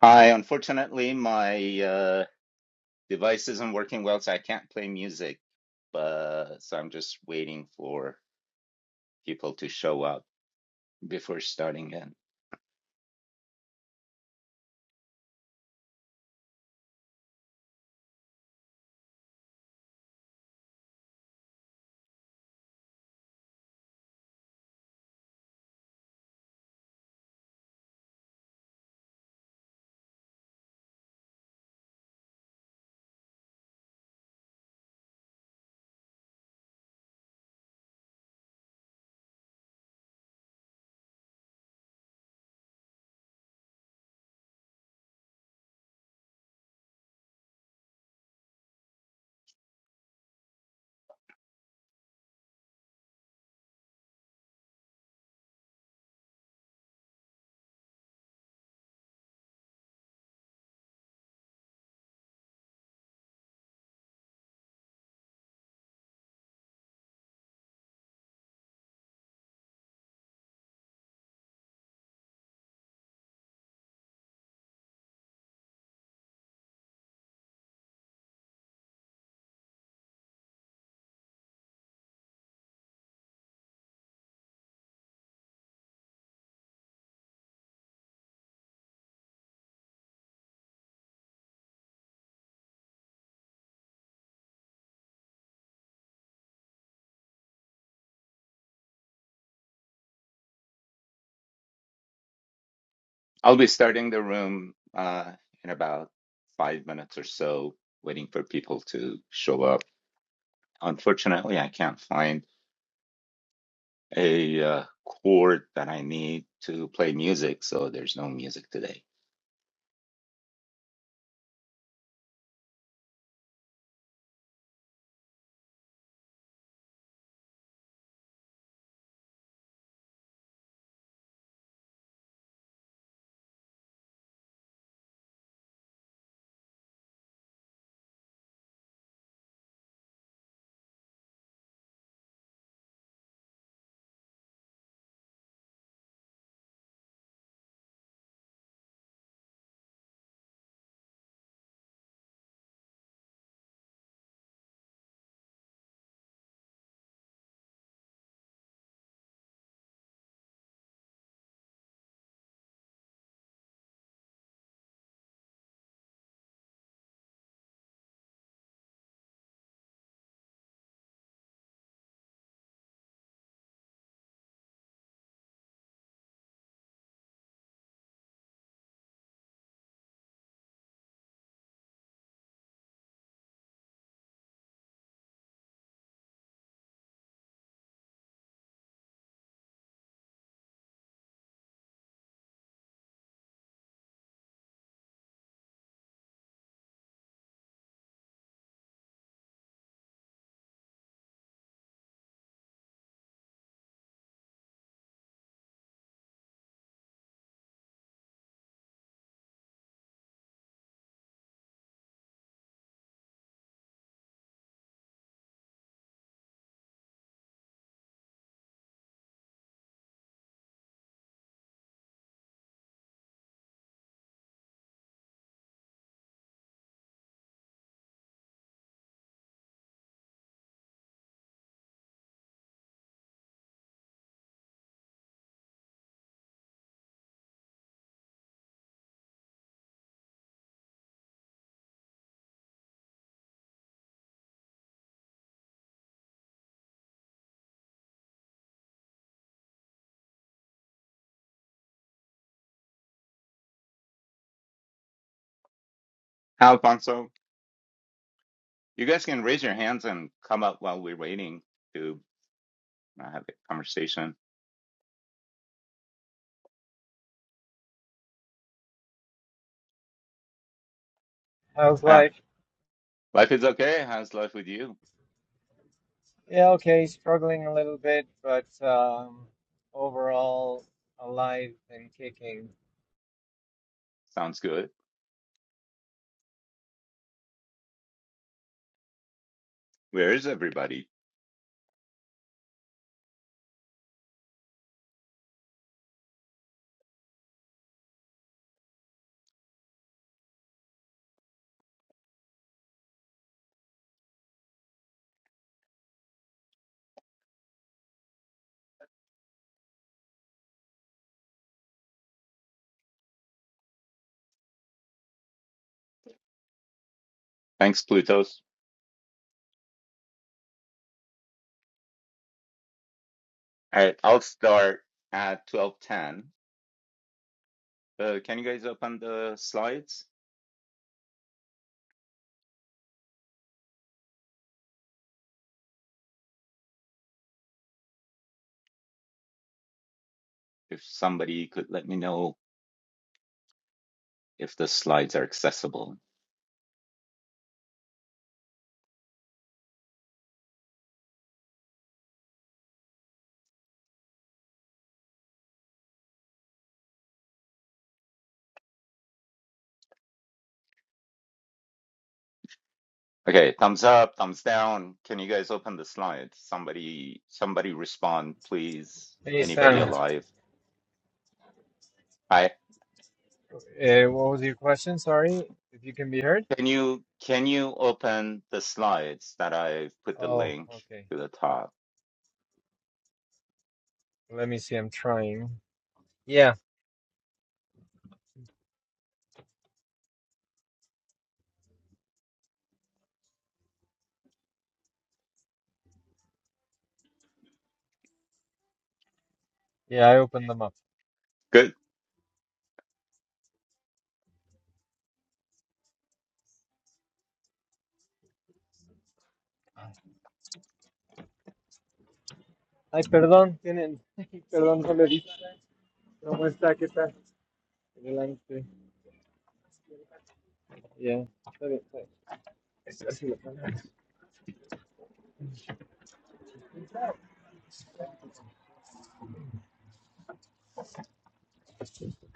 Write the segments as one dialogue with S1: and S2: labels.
S1: Hi, unfortunately, my uh, device isn't working well, so I can't play music. But so I'm just waiting for people to show up before starting it. I'll be starting the room uh, in about five minutes or so, waiting for people to show up. Unfortunately, I can't find a uh, chord that I need to play music, so there's no music today. Hi, Alfonso, you guys can raise your hands and come up while we're waiting to uh, have a conversation.
S2: I was
S1: Ah,
S2: like,
S1: life is okay. How's life with you?
S2: yeah, okay, struggling a little bit, but um, overall alive and kicking.
S1: Sounds good. Where is everybody? Thanks, Plutos. All right, I'll start at 12:10. Uh, can you guys open the slides? If somebody could let me know if the slides are accessible. Okay, thumbs up, thumbs down. Can you guys open the slides? Somebody, somebody respond, please.
S2: Hey,
S1: Anybody
S2: Sam,
S1: alive? I
S2: uh, what was your question? Sorry, if you can be heard.
S1: can you can you open the slides that I've put the
S2: Oh,
S1: link
S2: okay.
S1: to the top?
S2: Let me see. I'm trying. Yeah, yeah, I opened them up.
S1: Good.
S2: Ay, perdón, tienen. Perdón, no le ¿Cómo está? ¿Qué tal? Adelante. Yeah. Está bien, está bien. Está así la cámara.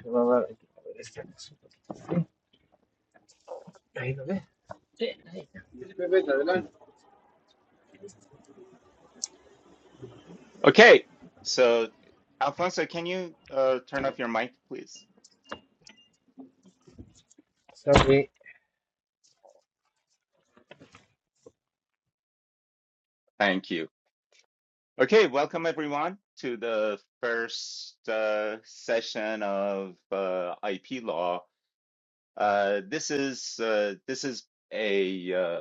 S2: Se va a dar- a ver, esta cosa. Ahí lo ve. Bebé, adelante.
S1: Okay, so Alfonso, can you uh, turn off your mic, please?
S2: Sorry.
S1: Thank you. Okay, welcome everyone to the first uh, session of uh, IP law. Uh, this is uh, this is a uh,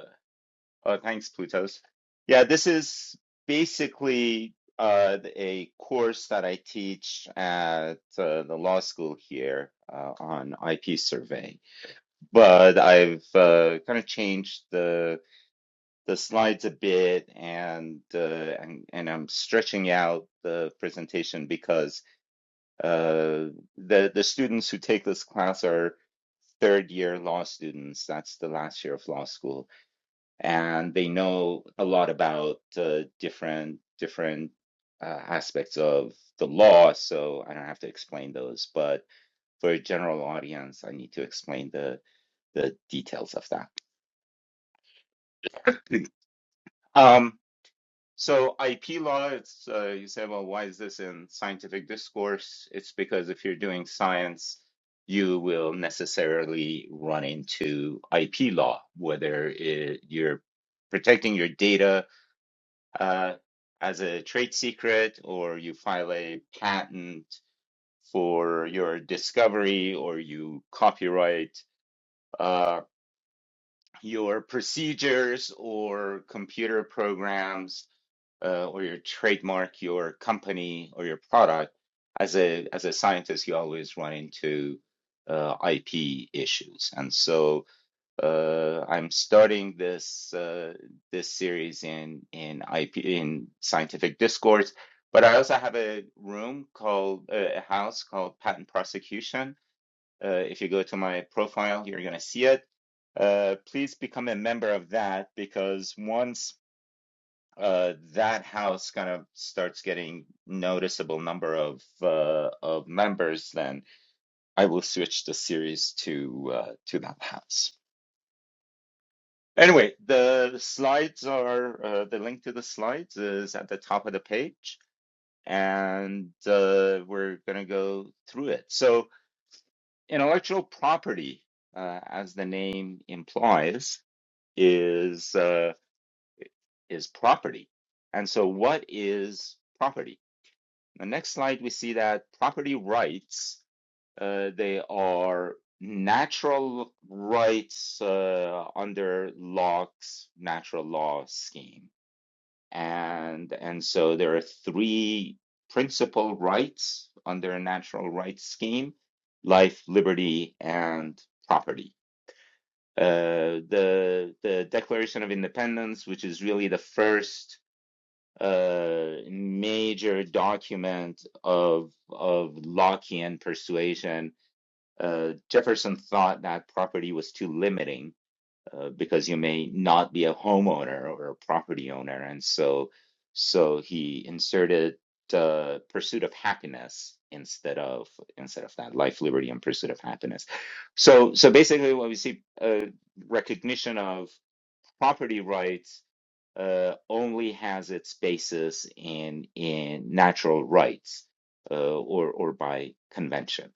S1: oh, thanks, Plutos. Yeah, this is basically uh, a course that I teach at uh, the law school here uh, on IP survey, but I've uh, kind of changed the. the slides a bit and uh, and, and I'm stretching out the presentation because uh, the the students who take this class are third year law students. That's the last year of law school, and they know a lot about uh, different different uh, aspects of the law. So I don't have to explain those, but for a general audience, I need to explain the the details of that. Um, So IP law, it's uh, you say, well, why is this in scientific discourse? It's because if you're doing science, you will necessarily run into IP law, whether it, you're protecting your data uh, as a trade secret, or you file a patent for your discovery, or you copyright uh, your procedures or computer programs uh, or your trademark, your company, or your product, as a as a scientist, you always run into uh, IP issues. And so uh, I'm starting this uh, this series in in IP in scientific discourse. But I also have a room called uh, a house called Patent Prosecution. Uh, if you go to my profile, you're going to see it. Uh, please become a member of that because once uh, that house kind of starts getting noticeable number of uh, of members, then I will switch the series to uh, to that house. Anyway, the slides are uh, the link to the slides is at the top of the page, and uh, we're gonna go through it. So, intellectual property, uh, as the name implies, is uh, is property. And so, what is property? The next slide, we see that property rights, uh, they are natural rights uh, under Locke's natural law scheme. And, and so there are three principal rights under a natural rights scheme, life, liberty, and property. Uh, the, the Declaration of Independence, which is really the first a major document of of Lockean persuasion, uh, Jefferson thought that property was too limiting uh, because you may not be a homeowner or a property owner, and so so he inserted uh, pursuit of happiness instead of instead of that life, liberty, and pursuit of happiness. So so basically, what we see uh, recognition of property rights uh, only has its basis in in natural rights uh, or or by convention.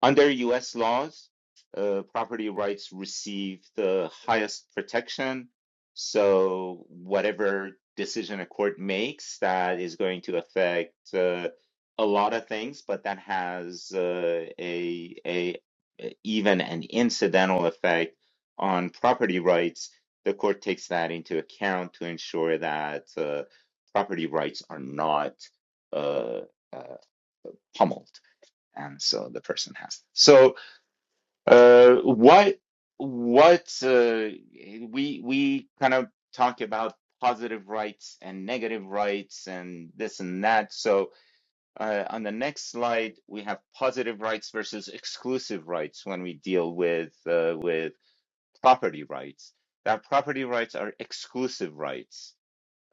S1: Under US laws, uh, property rights receive the highest protection. So, whatever decision a court makes, that is going to affect uh, a lot of things, but that has uh, a, a even an incidental effect on property rights. The court takes that into account to ensure that uh, property rights are not uh, uh, pummeled and so the person has. So uh, what what uh, we we kind of talk about positive rights and negative rights and this and that. So uh, on the next slide, we have positive rights versus exclusive rights when we deal with uh, with property rights. That property rights are exclusive rights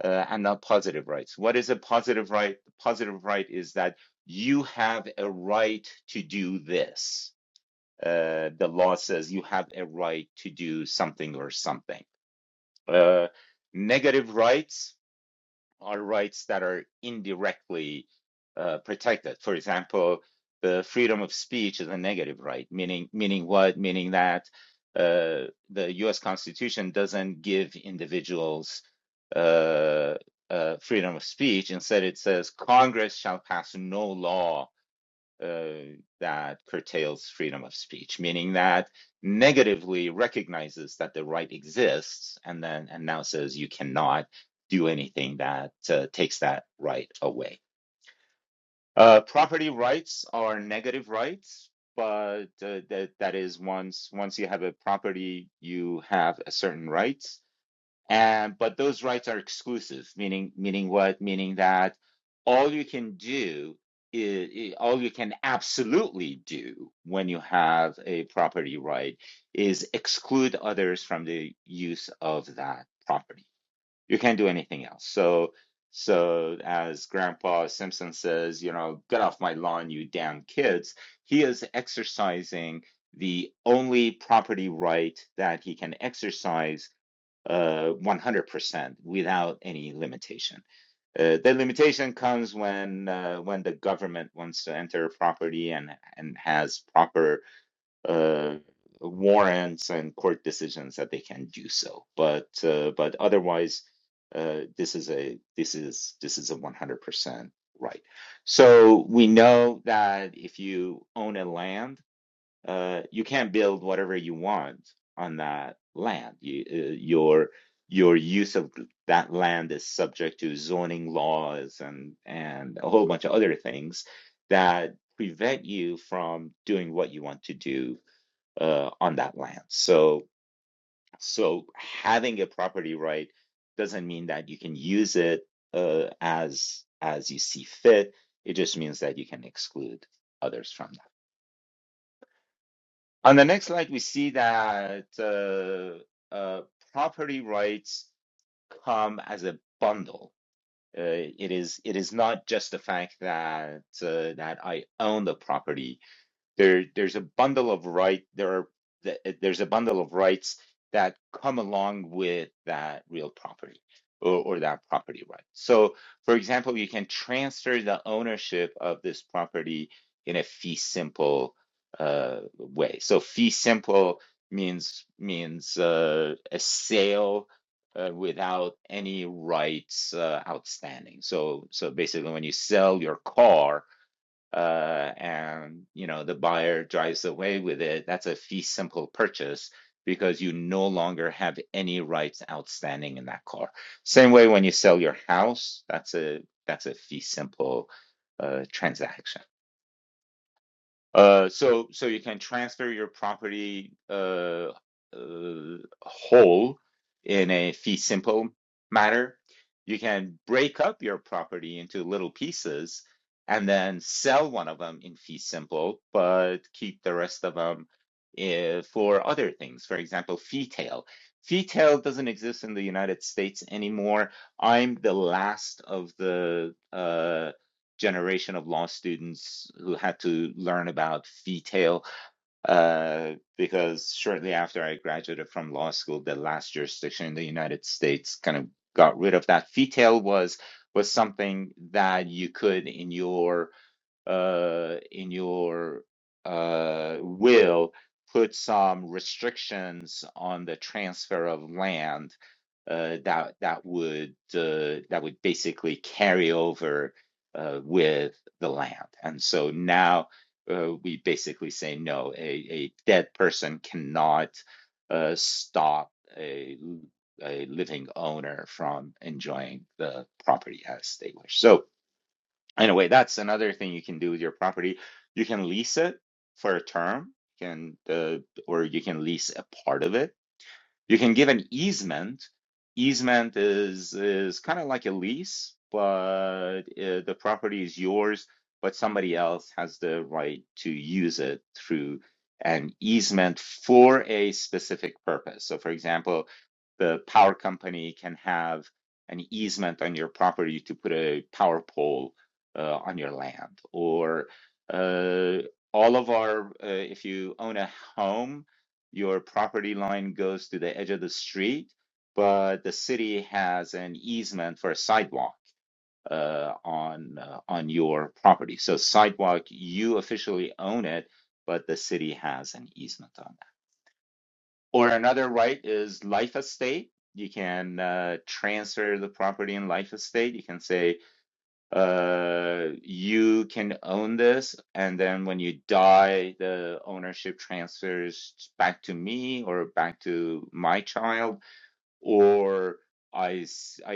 S1: uh, and not positive rights. What is a positive right? Positive right is that you have a right to do this uh, the law says you have a right to do something or something. Uh, negative rights are rights that are indirectly uh, protected. For example, the freedom of speech is a negative right, meaning meaning what? Meaning that uh, the U.S. Constitution doesn't give individuals uh, uh, freedom of speech. Instead, it says Congress shall pass no law uh, that curtails freedom of speech, meaning that negatively recognizes that the right exists and then and now says you cannot do anything that uh, takes that right away. Uh, property rights are negative rights, but uh, that that is once once you have a property, you have a certain right. And but those rights are exclusive, meaning meaning what? Meaning that all you can do is, all you can absolutely do when you have a property right is exclude others from the use of that property. You can't do anything else. So so as Grandpa Simpson says, you know, get off my lawn, you damn kids. He is exercising the only property right that he can exercise uh, 100% without any limitation. Uh, the limitation comes when uh, when the government wants to enter a property and and has proper uh, warrants and court decisions that they can do so. But uh, but otherwise, uh, this is a this is this is a 100% right. So we know that if you own a land uh, you can not build whatever you want on that land. You, uh, your your use of that land is subject to zoning laws and and a whole bunch of other things that prevent you from doing what you want to do uh, on that land. So so having a property right doesn't mean that you can use it uh, as as you see fit. It just means that you can exclude others from that. On the next slide, we see that uh, uh, property rights come as a bundle. Uh, it is it is not just the fact that uh, that I own the property there there's a bundle of right there are th- there's a bundle of rights that come along with that real property or, or that property right so for example you can transfer the ownership of this property in a fee simple uh, way so fee simple means means uh, a sale uh, without any rights uh, outstanding so so basically when you sell your car uh, and you know the buyer drives away with it, that's a fee simple purchase because you no longer have any rights outstanding in that car. Same way when you sell your house, that's a that's a fee simple uh, transaction. Uh, so so you can transfer your property uh, uh, whole in a fee simple matter. You can break up your property into little pieces and then sell one of them in fee simple, but keep the rest of them uh, for other things. For example, fee tail. Fee tail doesn't exist in the United States anymore. I'm the last of the uh, generation of law students who had to learn about fee tail uh, because shortly after I graduated from law school, the last jurisdiction in the United States kind of got rid of that. Fee tail was was something that you could in your uh, in your uh, will put some restrictions on the transfer of land uh, that that would uh, that would basically carry over uh, with the land. And so now uh, we basically say no, a, a dead person cannot uh, stop a a living owner from enjoying the property as they wish. So Anyway, that's another thing you can do with your property. You can lease it for a term, you can uh, or you can lease a part of it you can give an easement. Easement is is kind of like a lease, but uh, the property is yours, but somebody else has the right to use it through an easement for a specific purpose. So, for example, the power company can have an easement on your property to put a power pole uh, on your land, or uh, all of our, uh, if you own a home, your property line goes to the edge of the street, but the city has an easement for a sidewalk uh, on uh, on your property. So sidewalk, you officially own it, but the city has an easement on that. Or another right is life estate. You can uh, transfer the property in life estate. You can say, uh you can own this and then when you die the ownership transfers back to me or back to my child or I I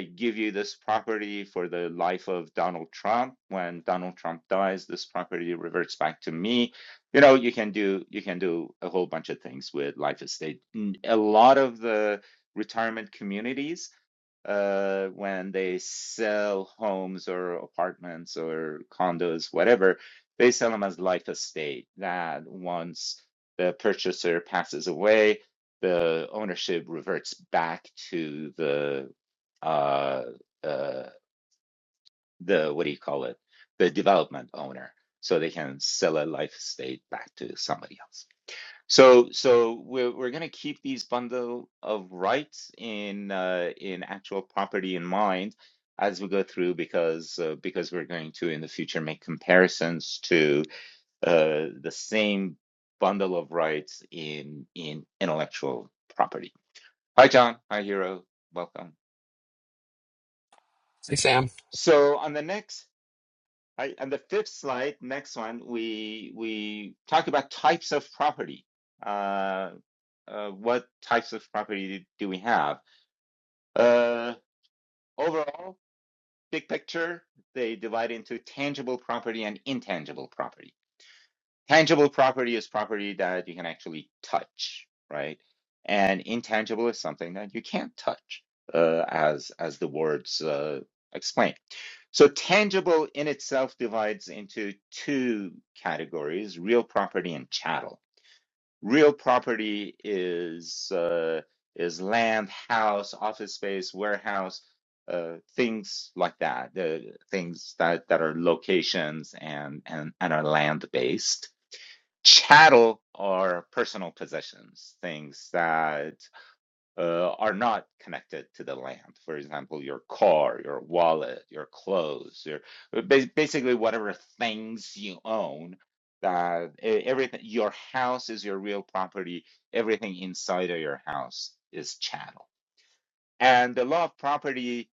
S1: give you this property for the life of Donald Trump when Donald Trump dies this property reverts back to me you know you can do you can do a whole bunch of things with life estate A lot of the retirement communities uh, when they sell homes or apartments or condos, whatever, they sell them as life estate. That once the purchaser passes away, the ownership reverts back to the uh, uh, the what do you call it? The development owner, so they can sell a life estate back to somebody else. So, so we're we're going to keep these bundle of rights in uh, in actual property in mind as we go through because uh, because we're going to in the future make comparisons to uh, the same bundle of rights in in intellectual property. Hi, John. Hi, Hero. Welcome.
S3: They say am
S1: So on the next Right? And the fifth slide, next one, we we talk about types of property. Uh, uh, what types of property do we have? Uh, overall, big picture, they divide into tangible property and intangible property. Tangible property is property that you can actually touch, right? And intangible is something that you can't touch, uh, as as the words uh, explain. So tangible in itself divides into two categories, real property and chattel. Real property is uh, is land, house, office space, warehouse, uh, things like that, the things that, that are locations and, and, and are land based. Chattel are personal possessions, things that uh, are not connected to the land. For example, your car, your wallet, your clothes, your uh, ba- basically whatever things you own. That e- everything, your house is your real property. Everything inside of your house is chattel. And the law of property,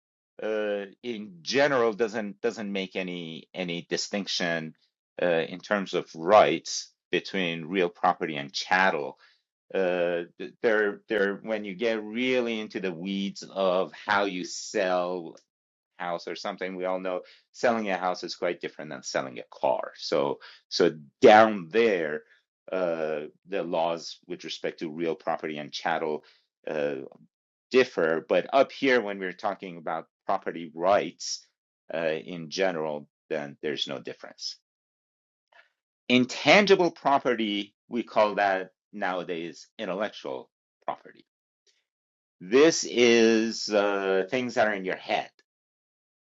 S1: uh, in general, doesn't doesn't make any any distinction uh, in terms of rights between real property and chattel uh th- they're they're when you get really into the weeds of how you sell house or something we all know selling a house is quite different than selling a car so so down there uh the laws with respect to real property and chattel uh differ but up here when we're talking about property rights uh in general then there's no difference intangible property we call that nowadays intellectual property this is uh, things that are in your head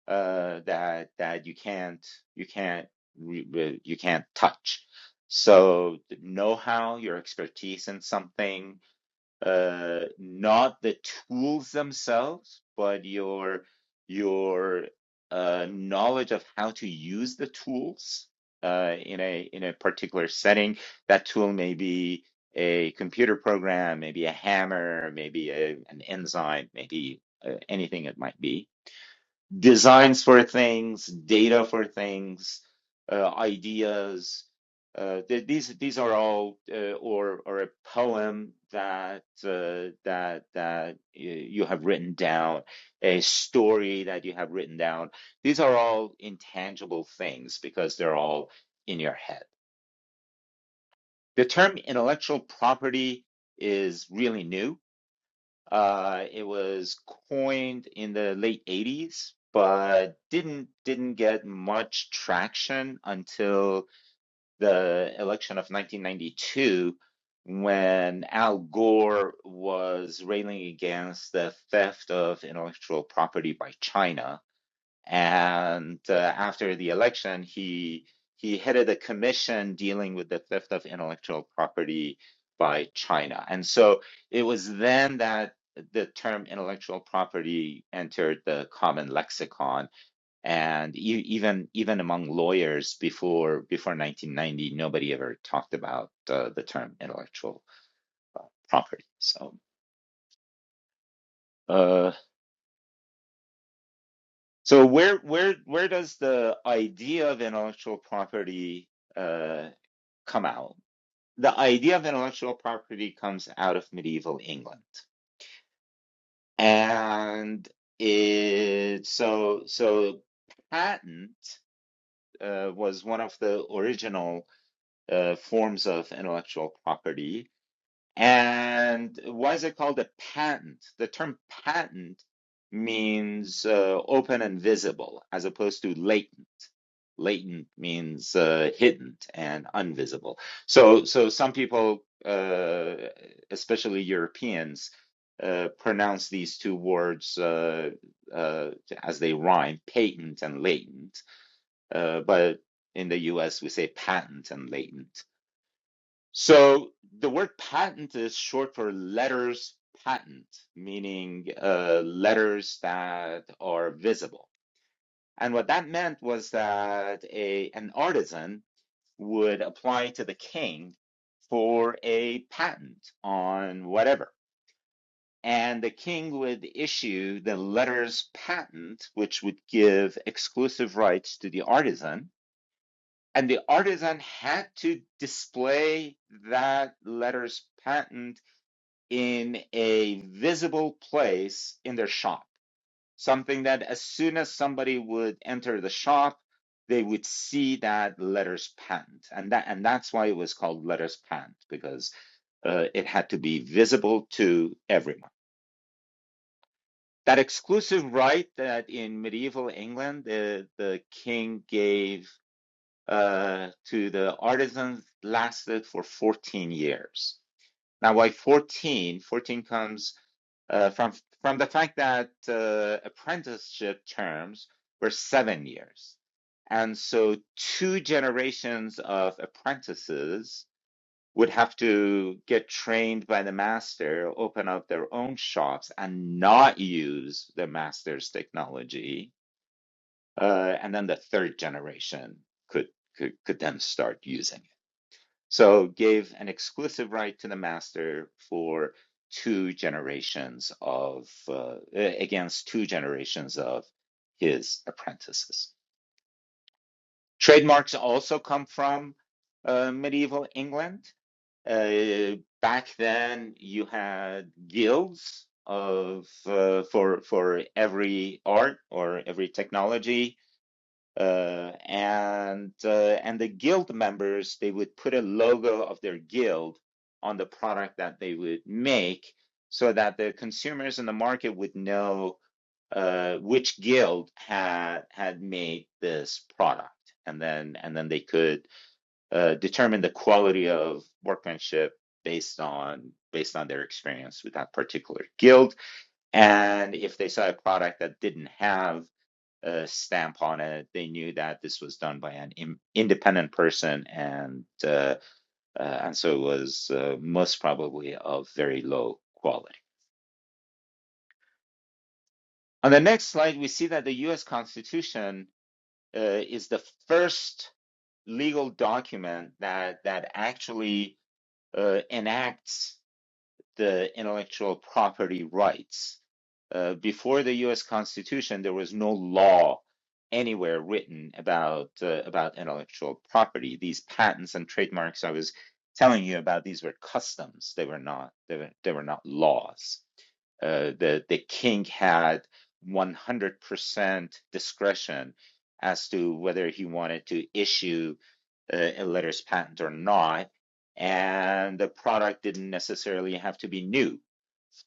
S1: uh, that that you can't you can't you can't touch. So know how your expertise in something uh, not the tools themselves, but your your uh, knowledge of how to use the tools uh, in a in a particular setting. That tool may be a computer program, maybe a hammer, maybe a, an enzyme, maybe uh, anything it might be designs for things, data for things, uh, ideas. Uh, th- these these are all, uh, or or a poem that uh, that that you have written down, a story that you have written down. These are all intangible things because they're all in your head. The term intellectual property is really new. Uh, it was coined in the late 80s, but didn't didn't get much traction until the election of 1992, when Al Gore was railing against the theft of intellectual property by China. And uh, after the election, he he headed a commission dealing with the theft of intellectual property by China. And so it was then that the term intellectual property entered the common lexicon. And e even even among lawyers before before 1990, nobody ever talked about uh, the term intellectual uh, property. So. Uh, So where where where does the idea of intellectual property uh, come out? The idea of intellectual property comes out of medieval England, and it so so patent uh, was one of the original uh, forms of intellectual property And why is it called a patent? The term patent means uh, open and visible as opposed to latent. Latent means uh, hidden and invisible. So, so some people, uh, especially Europeans, uh, pronounce these two words uh, uh, as they rhyme, patent and latent. Uh, but in the US, we say patent and latent. So the word patent is short for letters patent, meaning uh, letters that are visible. And what that meant was that a an artisan would apply to the king for a patent on whatever. And the king would issue the letters patent, which would give exclusive rights to the artisan. And the artisan had to display that letters patent in a visible place in their shop. Something that as soon as somebody would enter the shop, they would see that letters pant, and that and that's why it was called letters pant because uh, it had to be visible to everyone. That exclusive right that in medieval England the the king gave uh, to the artisans lasted for 14 years. Now, why 14? 14 comes uh, from from the fact that uh, apprenticeship terms were seven years, and so two generations of apprentices would have to get trained by the master, open up their own shops, and not use the master's technology, uh, and then the third generation could could could then start using. So gave an exclusive right to the master for two generations of uh, a- against two generations of his apprentices. Trademarks also come from uh, medieval England. Uh, back then, you had guilds of uh, for for every art or every technology uh, and uh, and the guild members they would put a logo of their guild on the product that they would make so that the consumers in the market would know uh, which guild had had made this product and then and then they could uh, determine the quality of workmanship based on based on their experience with that particular guild and if they saw a product that didn't have uh, stamp on it. They knew that this was done by an im- independent person, and uh, uh, and so it was uh, most probably of very low quality. On the next slide, we see that the U.S. Constitution uh, is the first legal document that that actually uh, enacts the intellectual property rights. Uh, before the U.S. Constitution, there was no law anywhere written about uh, about intellectual property. These patents and trademarks I was telling you about, these were customs. They were not they were, they were not laws uh, the the king had 100% discretion as to whether he wanted to issue uh, a letters patent or not, and the product didn't necessarily have to be new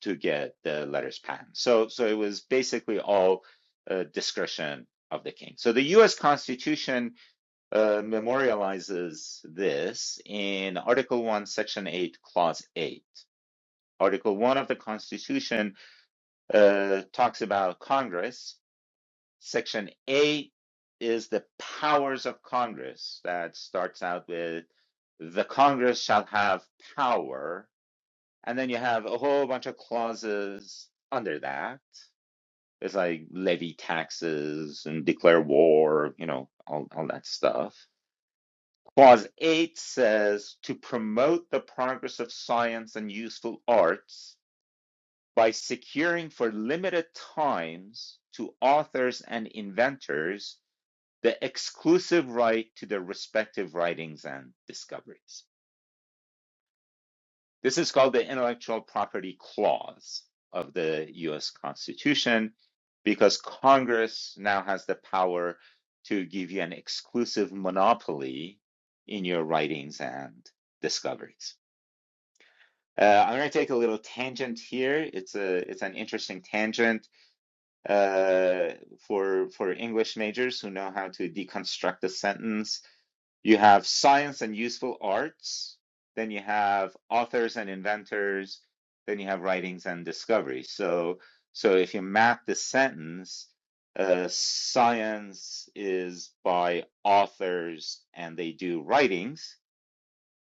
S1: to get the letters patent. So so it was basically all uh, discretion of the king. So the U.S. Constitution uh, memorializes this in Article One, Section Eight, Clause Eight. Article One of the Constitution uh, talks about Congress. Section A is the powers of Congress that starts out with the Congress shall have power. And then you have a whole bunch of clauses under that. It's like levy taxes and declare war, you know, all, all that stuff. Clause 8 says to promote the progress of science and useful arts by securing for limited times to authors and inventors the exclusive right to their respective writings and discoveries. This is called the intellectual property clause of the US Constitution because Congress now has the power to give you an exclusive monopoly in your writings and discoveries. Uh, I'm going to take a little tangent here. It's a it's an interesting tangent uh, for for English majors who know how to deconstruct a sentence. You have science and useful arts. Then you have authors and inventors. Then you have writings and discoveries. So so if you map the sentence, uh, science is by authors and they do writings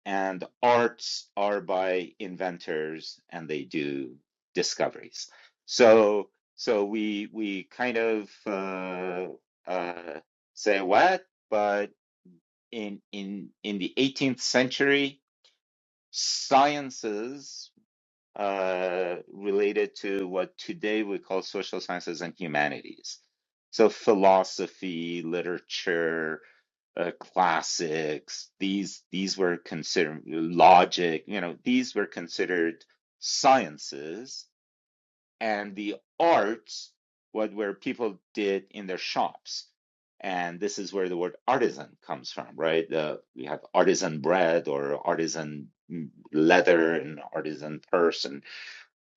S1: and arts are by inventors and they do discoveries so so we we kind of uh, uh, say what but in in in the 18th century sciences uh, related to what today we call social sciences and humanities so philosophy literature uh, classics. These these were considered logic. You know, these were considered sciences, and the arts, what where people did in their shops, and this is where the word artisan comes from, right? Uh, we have artisan bread or artisan mm, leather and artisan purse, and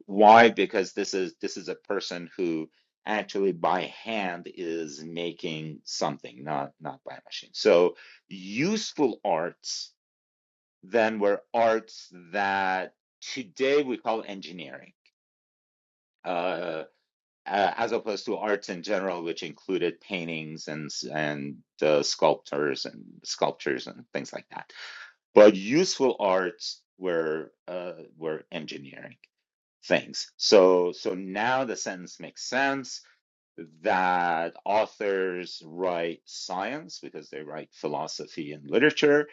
S1: why? Because this is this is a person who actually by hand is making something, not not by a machine. So useful arts then were arts that today we call engineering, uh, uh, as opposed to arts in general, which included paintings and and uh, sculptors and sculptures and things like that. But useful arts were uh, were engineering things. So so now the sentence makes sense that authors write science because they write philosophy and literature,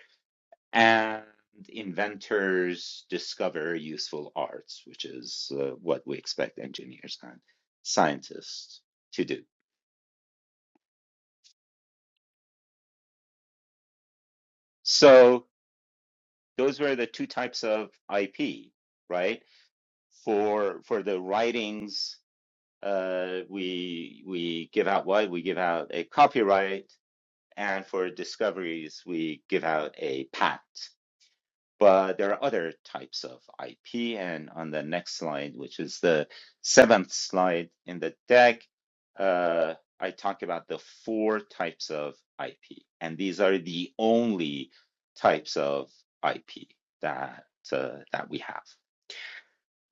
S1: and inventors discover useful arts, which is uh, what we expect engineers and scientists to do. So those were the two types of IP, right? For for the writings, uh, we we give out what we give out a copyright and for discoveries, we give out a patent. But there are other types of IP, and on the next slide, which is the seventh slide in the deck, uh, I talk about the four types of IP, and these are the only types of IP that uh, that we have.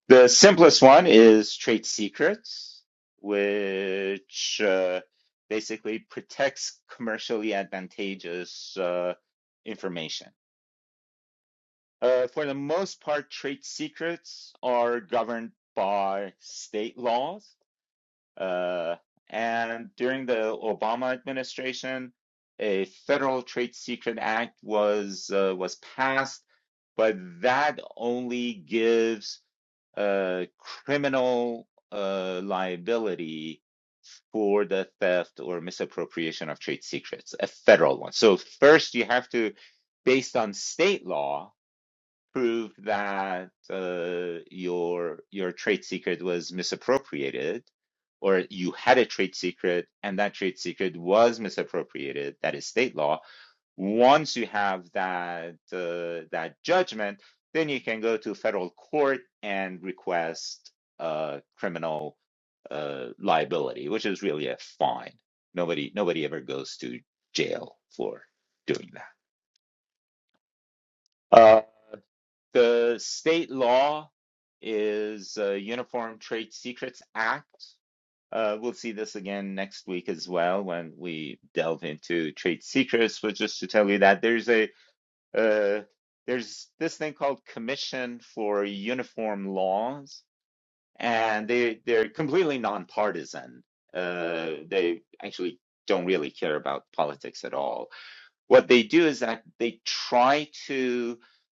S1: The simplest one is Trade Secrets, which uh, basically protects commercially advantageous uh, information. Uh, for the most part, trade secrets are governed by state laws. Uh, and during the Obama administration, a federal trade secret act was uh, was passed, but that only gives uh, criminal uh, liability for the theft or misappropriation of trade secrets, a federal one. So first you have to, based on state law prove that uh, your your trade secret was misappropriated, or you had a trade secret and that trade secret was misappropriated, that is state law. Once you have that uh, that judgment, then you can go to federal court and request uh, criminal uh, liability, which is really a fine. Nobody nobody ever goes to jail for doing that. Uh, The state law is uh, Uniform Trade Secrets Act. Uh, we'll see this again next week as well when we delve into trade secrets. But just to tell you that there's a uh, there's this thing called Commission for Uniform Laws, and they they're completely nonpartisan. Uh, they actually don't really care about politics at all what they do is that they try to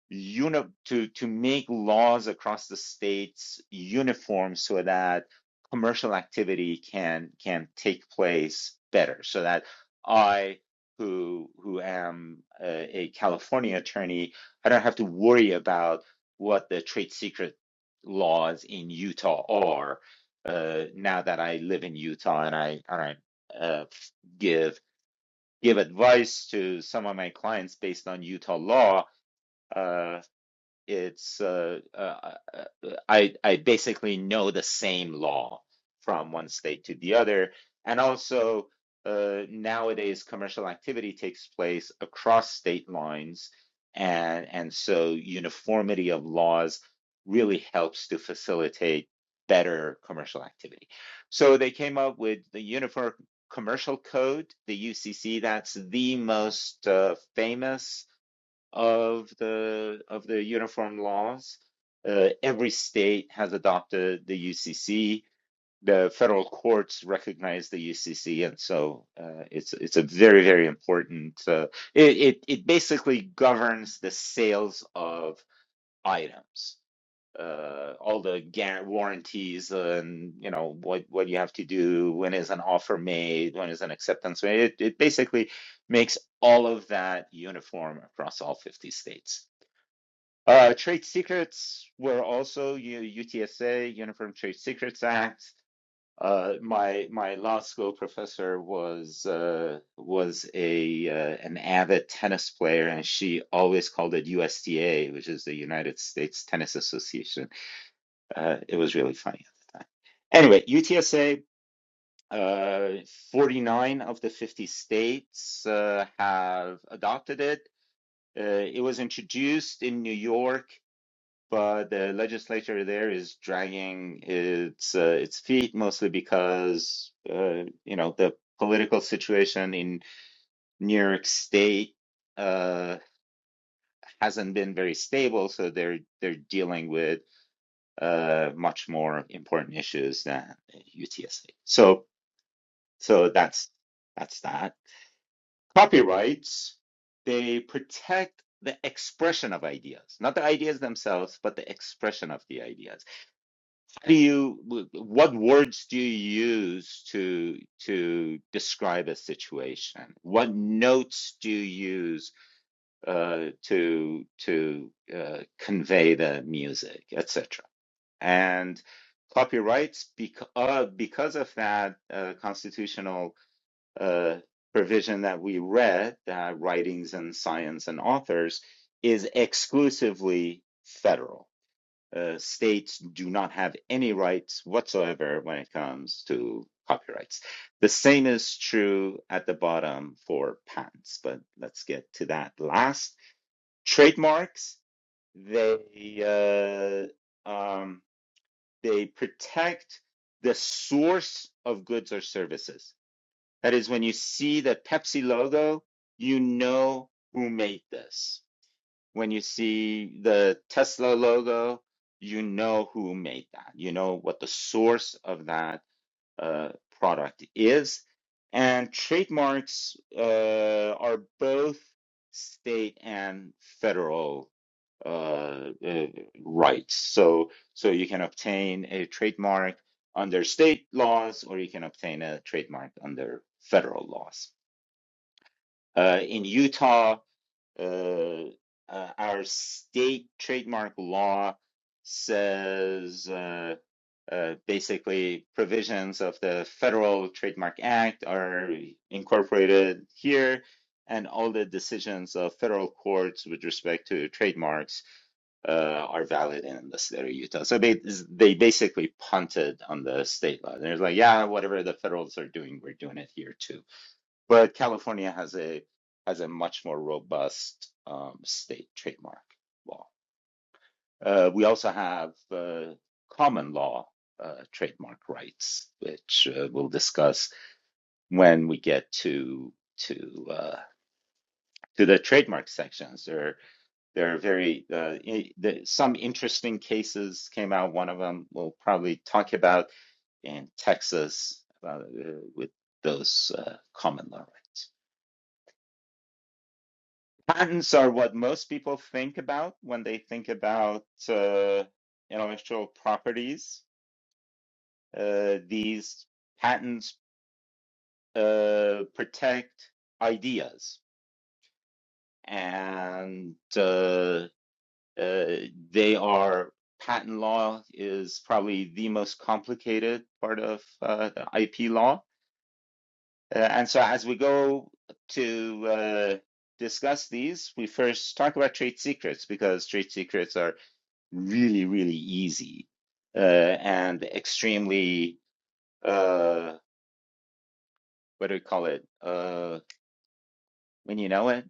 S1: uni- to to make laws across the states uniform so that commercial activity can can take place better so that i who who am a, a california attorney i don't have to worry about what the trade secret laws in utah are uh, now that i live in utah and i and i uh, give give advice to some of my clients based on Utah law. Uh, it's uh, uh, uh, I I basically know the same law from one state to the other, and also uh, nowadays commercial activity takes place across state lines, and and so uniformity of laws really helps to facilitate better commercial activity. So they came up with the Uniform Commercial Code, the UCC. That's the most uh, famous of the of the uniform laws. Uh, every state has adopted the UCC. The federal courts recognize the UCC, and so uh, it's it's a very very important. Uh, it, it it basically governs the sales of items, uh, all the guar warranties, and you know what what you have to do when is an offer made, when is an acceptance made. It it basically makes all of that uniform across all 50 states. Uh, trade secrets were also U UTSA, Uniform Trade Secrets Act. Uh, my my law school professor was uh, was a uh, an avid tennis player, and she always called it USTA, which is the United States Tennis Association. Uh, it was really funny at the time. Anyway, UTSA, uh, 49 of the 50 states uh, have adopted it. Uh, it was introduced in New York but the legislature there is dragging its uh, its feet mostly because uh, you know the political situation in New York State uh, hasn't been very stable, so they're they're dealing with uh, much more important issues than UTSA. So so that's that's that. Copyrights they protect the expression of ideas, not the ideas themselves, but the expression of the ideas do you what words do you use to to describe a situation what notes do you use uh, to to uh, convey the music etc and copyrights bec- uh, because of that uh, constitutional uh, provision that we read that writings and science and authors is exclusively federal uh, states do not have any rights whatsoever when it comes to copyrights. The same is true at the bottom for patents, but let's get to that last. Trademarks, they uh, um, they protect the source of goods or services. That is, when you see the Pepsi logo, you know who made this when you see the Tesla logo, you know who made that. You know what the source of that uh, product is. And trademarks uh, are both state and federal uh, uh, rights. So, so you can obtain a trademark under state laws, or you can obtain a trademark under federal laws. Uh, in Utah, uh, uh, our state trademark law says uh, uh, basically provisions of the Federal Trademark Act are incorporated here, and all the decisions of federal courts with respect to trademarks uh, are valid in the state of Utah. So they, they basically punted on the state law. They're like, yeah, whatever the federals are doing, we're doing it here too. But California has a has a much more robust um, state trademark law. Uh, we also have uh, common law uh, trademark rights, which uh, we'll discuss when we get to to uh, to the trademark sections. There there are very uh, i the, some interesting cases came out. One of them we'll probably talk about in Texas uh, with those uh, common law rights. Patents are what most people think about when they think about uh, intellectual properties. Uh, these patents uh, protect ideas, and uh, uh, they are patent law is probably the most complicated part of uh, IP law. Uh, and so, as we go to uh, discuss these, we first talk about trade secrets because trade secrets are really, really easy uh, and extremely, uh, what do we call it? Uh, when you know it,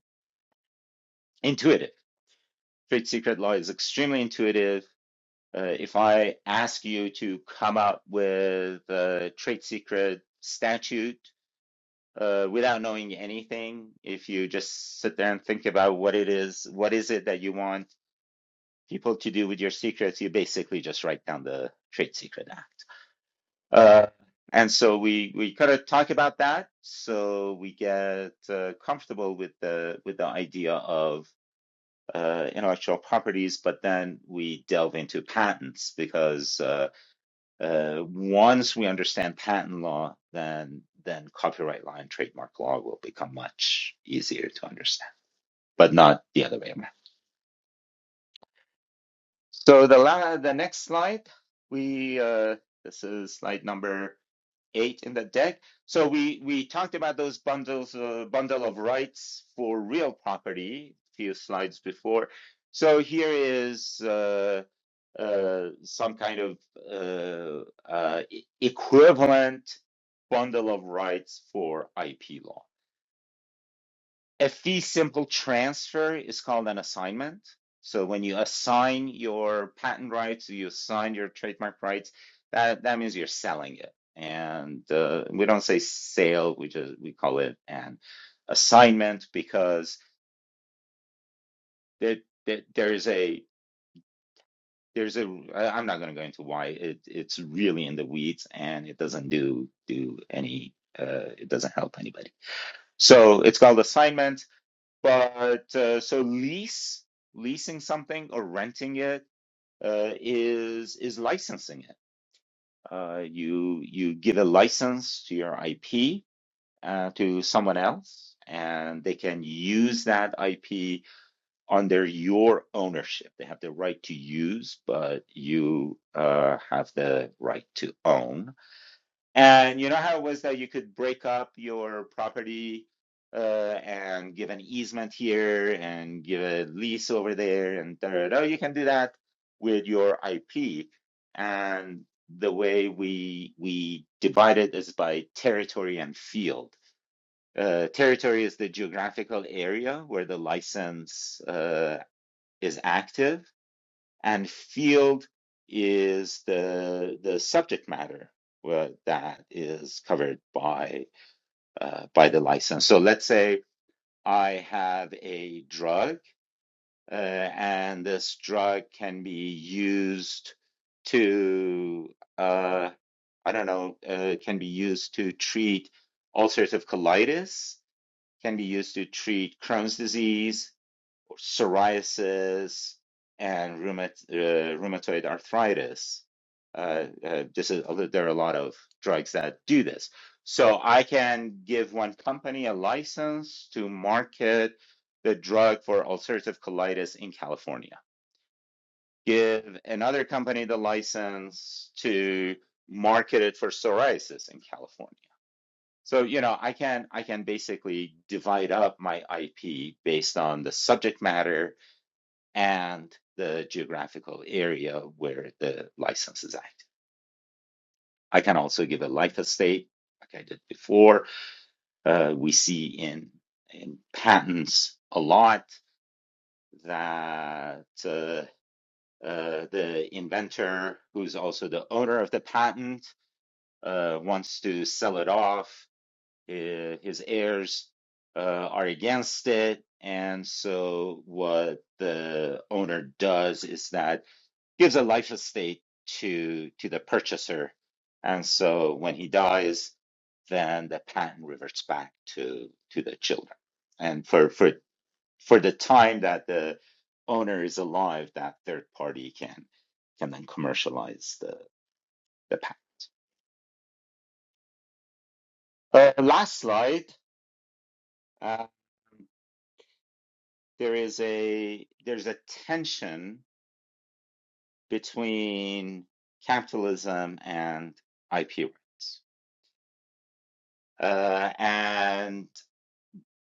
S1: intuitive. Trade secret law is extremely intuitive. Uh, if I ask you to come up with a trade secret statute uh, without knowing anything, if you just sit there and think about what it is, what is it that you want people to do with your secrets, you basically just write down the Trade Secret Act. Uh, and so we we kind of talk about that, so we get uh, comfortable with the with the idea of uh, intellectual properties, but then we delve into patents because uh, uh, once we understand patent law, then then copyright law and trademark law will become much easier to understand, but not the other way around. So the la the next slide, we uh, this is slide number. eight in the deck. So we we talked about those bundles, uh, bundle of rights for real property a few slides before. So here is uh, uh, some kind of uh, uh, e- equivalent bundle of rights for IP law. A fee simple transfer is called an assignment. So when you assign your patent rights, you assign your trademark rights, that, that means you're selling it. And uh, we don't say sale, we just we call it an assignment because there, there, there's a there's ai I- I'm not going to go into why it, it's really in the weeds and it doesn't do do any uh, it doesn't help anybody. So it's called assignment But uh, so lease, leasing something or renting it uh, is is licensing it. Uh, you you give a license to your IP uh, to someone else, and they can use that IP under your ownership. They have the right to use, but you uh, have the right to own and you know how it was that you could break up your property uh, and give an easement here and give a lease over there and da, da, da. You can do that with your IP. And the way we we divide it is by territory and field. Uh, territory is the geographical area where the license uh, is active and field is the the subject matter uh, that is covered by uh, by the license. So let's say I have a drug, uh, and this drug can be used to uh, I don't know uh, can be used to treat ulcerative colitis, can be used to treat Crohn's disease, psoriasis and rheumat, uh, rheumatoid arthritis. Uh, uh, just a, there are a lot of drugs that do this. So I can give one company a license to market the drug for ulcerative colitis in California. Give another company the license to market it for psoriasis in California. So, you know, I can I can basically divide up my IP based on the subject matter and the geographical area where the license is active. I can also give a life estate, like I did before. Uh, we see in in patents a lot that uh, uh, the inventor, who's also the owner of the patent, uh, wants to sell it off. Uh, His heirs uh, are against it, and so what the owner does is that gives a life estate to to the purchaser, and so when he dies, then the patent reverts back to to the children. And for for for the time that the owner is alive, that third party can can then commercialize the the patent. Uh, last slide. Uh, there is a there's a tension between capitalism and IP rights, uh, and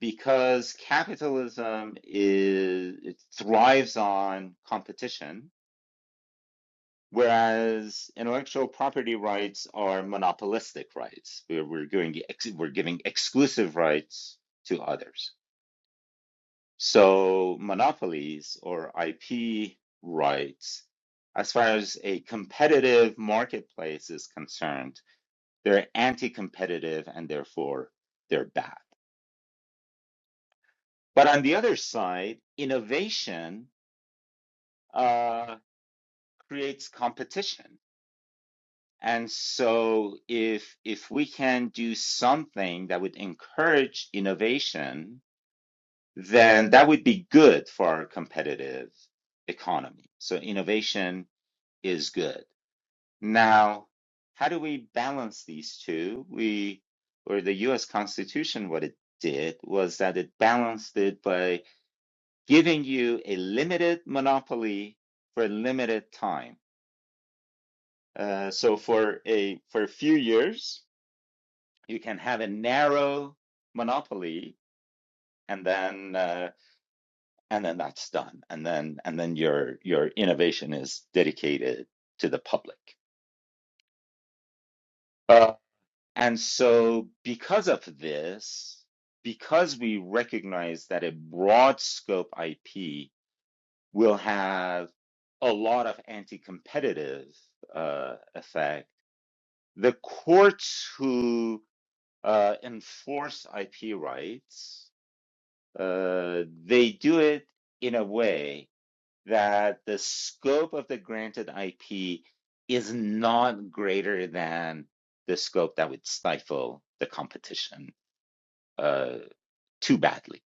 S1: because capitalism is it thrives on competition whereas intellectual property rights are monopolistic rights we're, we're going we're giving exclusive rights to others so monopolies or ip rights as far as a competitive marketplace is concerned they're anti-competitive and therefore they're bad but on the other side innovation uh, creates competition. And so if if we can do something that would encourage innovation, then that would be good for our competitive economy. So innovation is good. Now, how do we balance these two? We or the US Constitution, what it did was that it balanced it by giving you a limited monopoly for a limited time Uh, so for a for a few years, you can have a narrow monopoly, and then uh, and then that's done, and then and then your your innovation is dedicated to the public. Uh, and so because of this, because we recognize that a broad scope IP will have a lot of anti-competitive uh, effect, the courts who uh, enforce IP rights, uh, they do it in a way that the scope of the granted IP is not greater than the scope that would stifle the competition uh, too badly.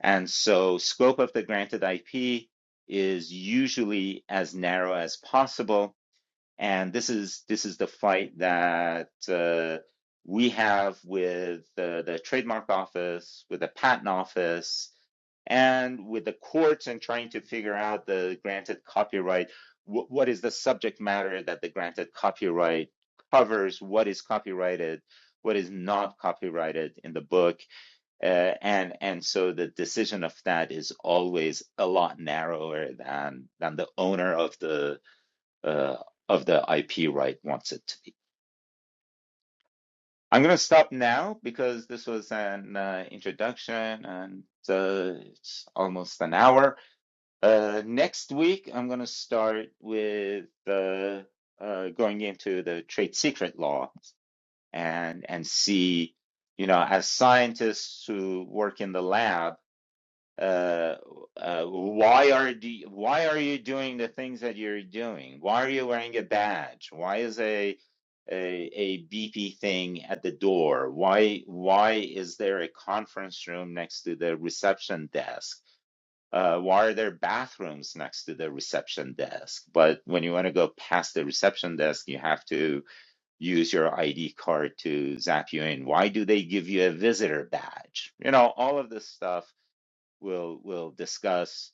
S1: And so, scope of the granted IP is usually as narrow as possible and this is this is the fight that uh, we have with the, the trademark office, with the patent office, and with the courts, and trying to figure out the granted copyright. Wh- what is the subject matter that the granted copyright covers? What is copyrighted? What is not copyrighted in the book? Uh, and and so the decision of that is always a lot narrower than than the owner of the uh, of the IP right wants it to be. I'm going to stop now because this was an uh, introduction and uh, it's almost an hour. Uh, next week, I'm going to start with uh, uh, going into the trade secret law and and see, you know, as scientists who work in the lab, uh, uh, why are do why are you doing the things that you're doing? Why are you wearing a badge? Why is a a, a beepy thing at the door? Why why is there a conference room next to the reception desk? Uh, why are there bathrooms next to the reception desk? But when you want to go past the reception desk, you have to use your ID card to zap you in. Why do they give you a visitor badge? You know, all of this stuff we'll we'll discuss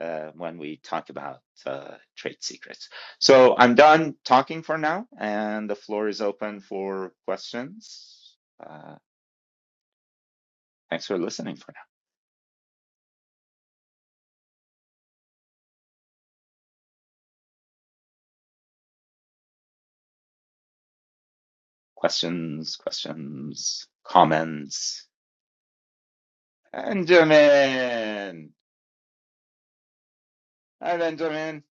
S1: uh, when we talk about uh, trade secrets. So I'm done talking for now, and the floor is open for questions. Uh, thanks for listening for now. Questions, questions, comments. Benjamin, hi Benjamin.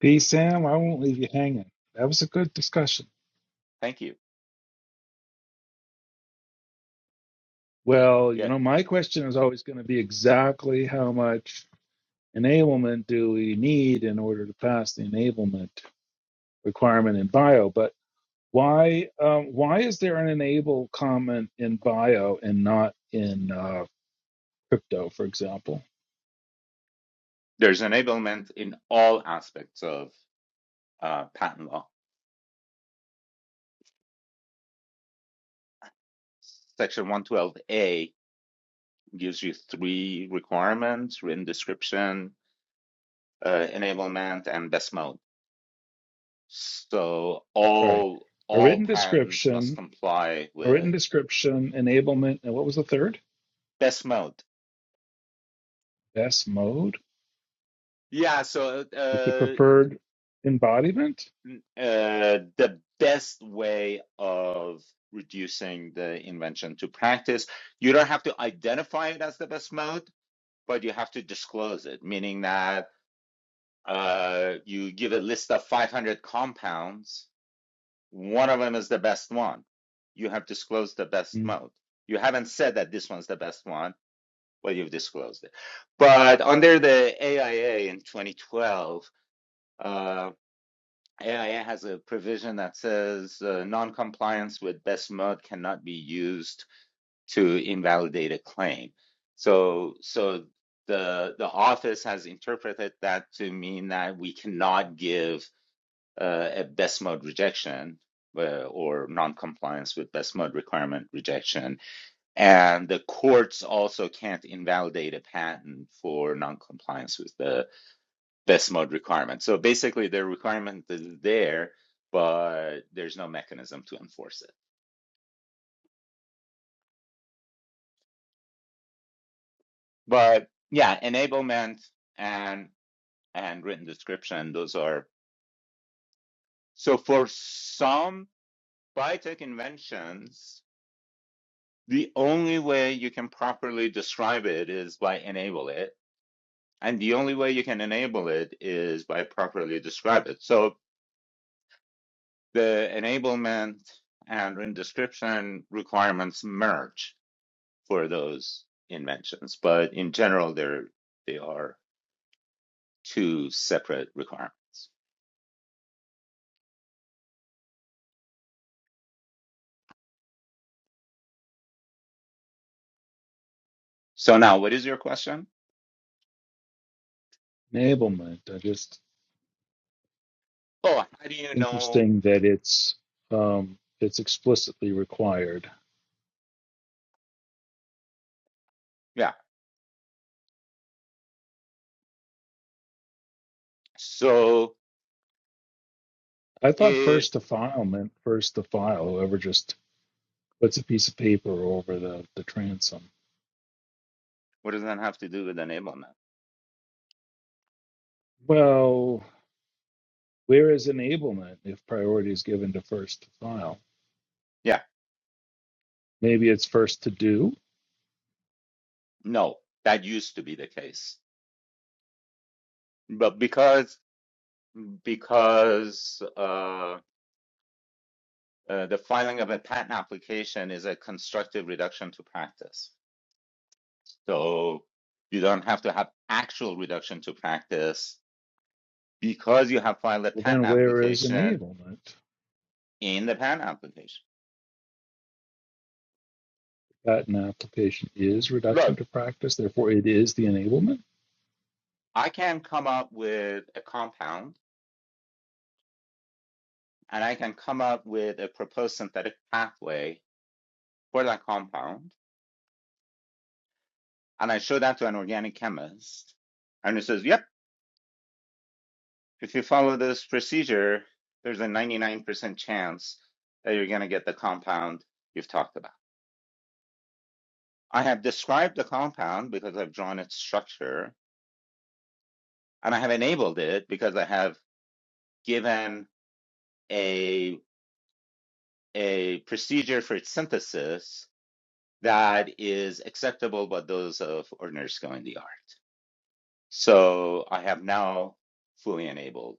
S4: Peace, Sam. I won't leave you hanging. That was a good discussion.
S1: Thank you.
S4: Well, you
S1: Yeah,
S4: know, my question is always going to be exactly how much enablement do we need in order to pass the enablement requirement in bio? But why um, why is there an enable comment in bio and not in uh, crypto, for example?
S1: there's enablement in all aspects of uh, patent law. Section 112A gives you three requirements: written description, uh, enablement and best mode. So
S4: Sorry,
S1: all
S4: a
S1: all
S4: written
S1: patents must
S4: description,
S1: comply
S4: a
S1: with
S4: written description, enablement, and what was the third?
S1: best mode.
S4: Best mode,
S1: Yeah, so
S4: like the
S1: uh,
S4: preferred embodiment.
S1: uh, the best way of reducing the invention to practice, you don't have to identify it as the best mode, but you have to disclose it, meaning that uh, you give a list of 500 compounds One of them is the best one. You have disclosed the best
S4: Hmm.
S1: mode. You haven't said that this one's the best one, but you've disclosed it. But under the AIA in 2012, uh, AIA has a provision that says uh, non-compliance with best mode cannot be used to invalidate a claim. So, so the the office has interpreted that to mean that we cannot give uh, a best mode rejection uh, or non-compliance with best mode requirement rejection. And the courts also can't invalidate a patent for non-compliance with the best mode requirement. So basically, the requirement is there, but there's no mechanism to enforce it. But yeah, enablement and and written description, those are so for some biotech inventions The only way you can properly describe it is by enable it. And the only way you can enable it is by properly describe it. So the enablement and in description requirements merge for those inventions. But in general, they're, they are two separate requirements. So now what is your question?
S4: enablement. I just
S1: Oh, how do you know?
S4: interesting that it's um, it's explicitly required.
S1: Yeah. So
S4: I thought
S1: it,
S4: first to file meant first to file. Whoever just puts a piece of paper over the the transom.
S1: what does that have to do with enablement?
S4: Well, where is enablement if priority is given to first to file?
S1: Yeah.
S4: Maybe it's first to do.
S1: No, that used to be the case But because because uh, uh, the filing of a patent application is a constructive reduction to practice, so you don't have to have actual reduction to practice because you have filed a
S4: Well,
S1: patent
S4: then where is
S1: application
S4: enablement?
S1: in the patent application.
S4: That an application is reduction
S1: Look,
S4: to practice, therefore it is the enablement.
S1: I can come up with a compound and I can come up with a proposed synthetic pathway for that compound, and I show that to an organic chemist, and he says, "Yep." If you follow this procedure, there's a 99% chance that you're going to get the compound you've talked about. I have described the compound because I've drawn its structure and I have enabled it because I have given a, a procedure for its synthesis that is acceptable by those of ordinary skill in the art. So I have now fully enabled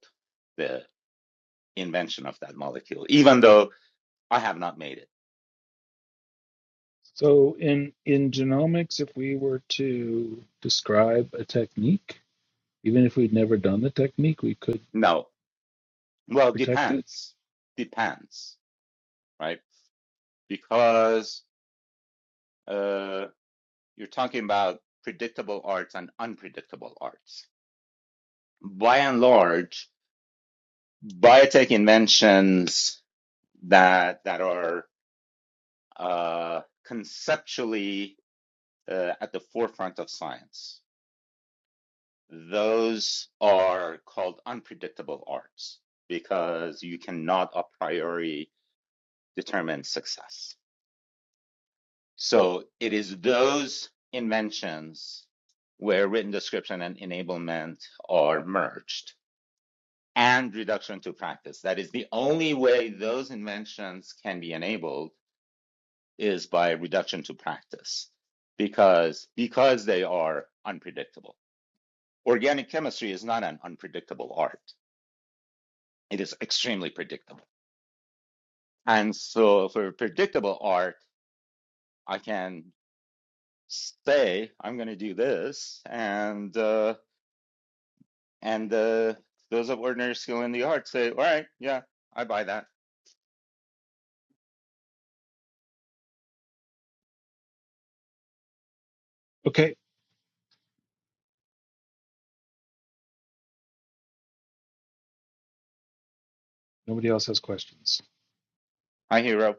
S1: the invention of that molecule, even though I have not made it.
S4: So in in genomics, if we were to describe a technique, even if we'd never done the technique, we could
S1: No, Well,
S4: protect it.
S1: depends. Depends, right? Because uh, you're talking about predictable arts and unpredictable arts. By and large, biotech inventions that that are uh, conceptually uh, at the forefront of science, those are called unpredictable arts because you cannot a priori determine success. So it is those inventions where written description and enablement are merged and reduction to practice. That is the only way those inventions can be enabled is by reduction to practice because because they are unpredictable. Organic chemistry is not an unpredictable art. It is extremely predictable. And so for predictable art, I can say I'm going to do this and uh, And uh, those of ordinary skill in the art say, all right, yeah, I buy that.
S4: Okay. Nobody else has questions.
S1: I hero.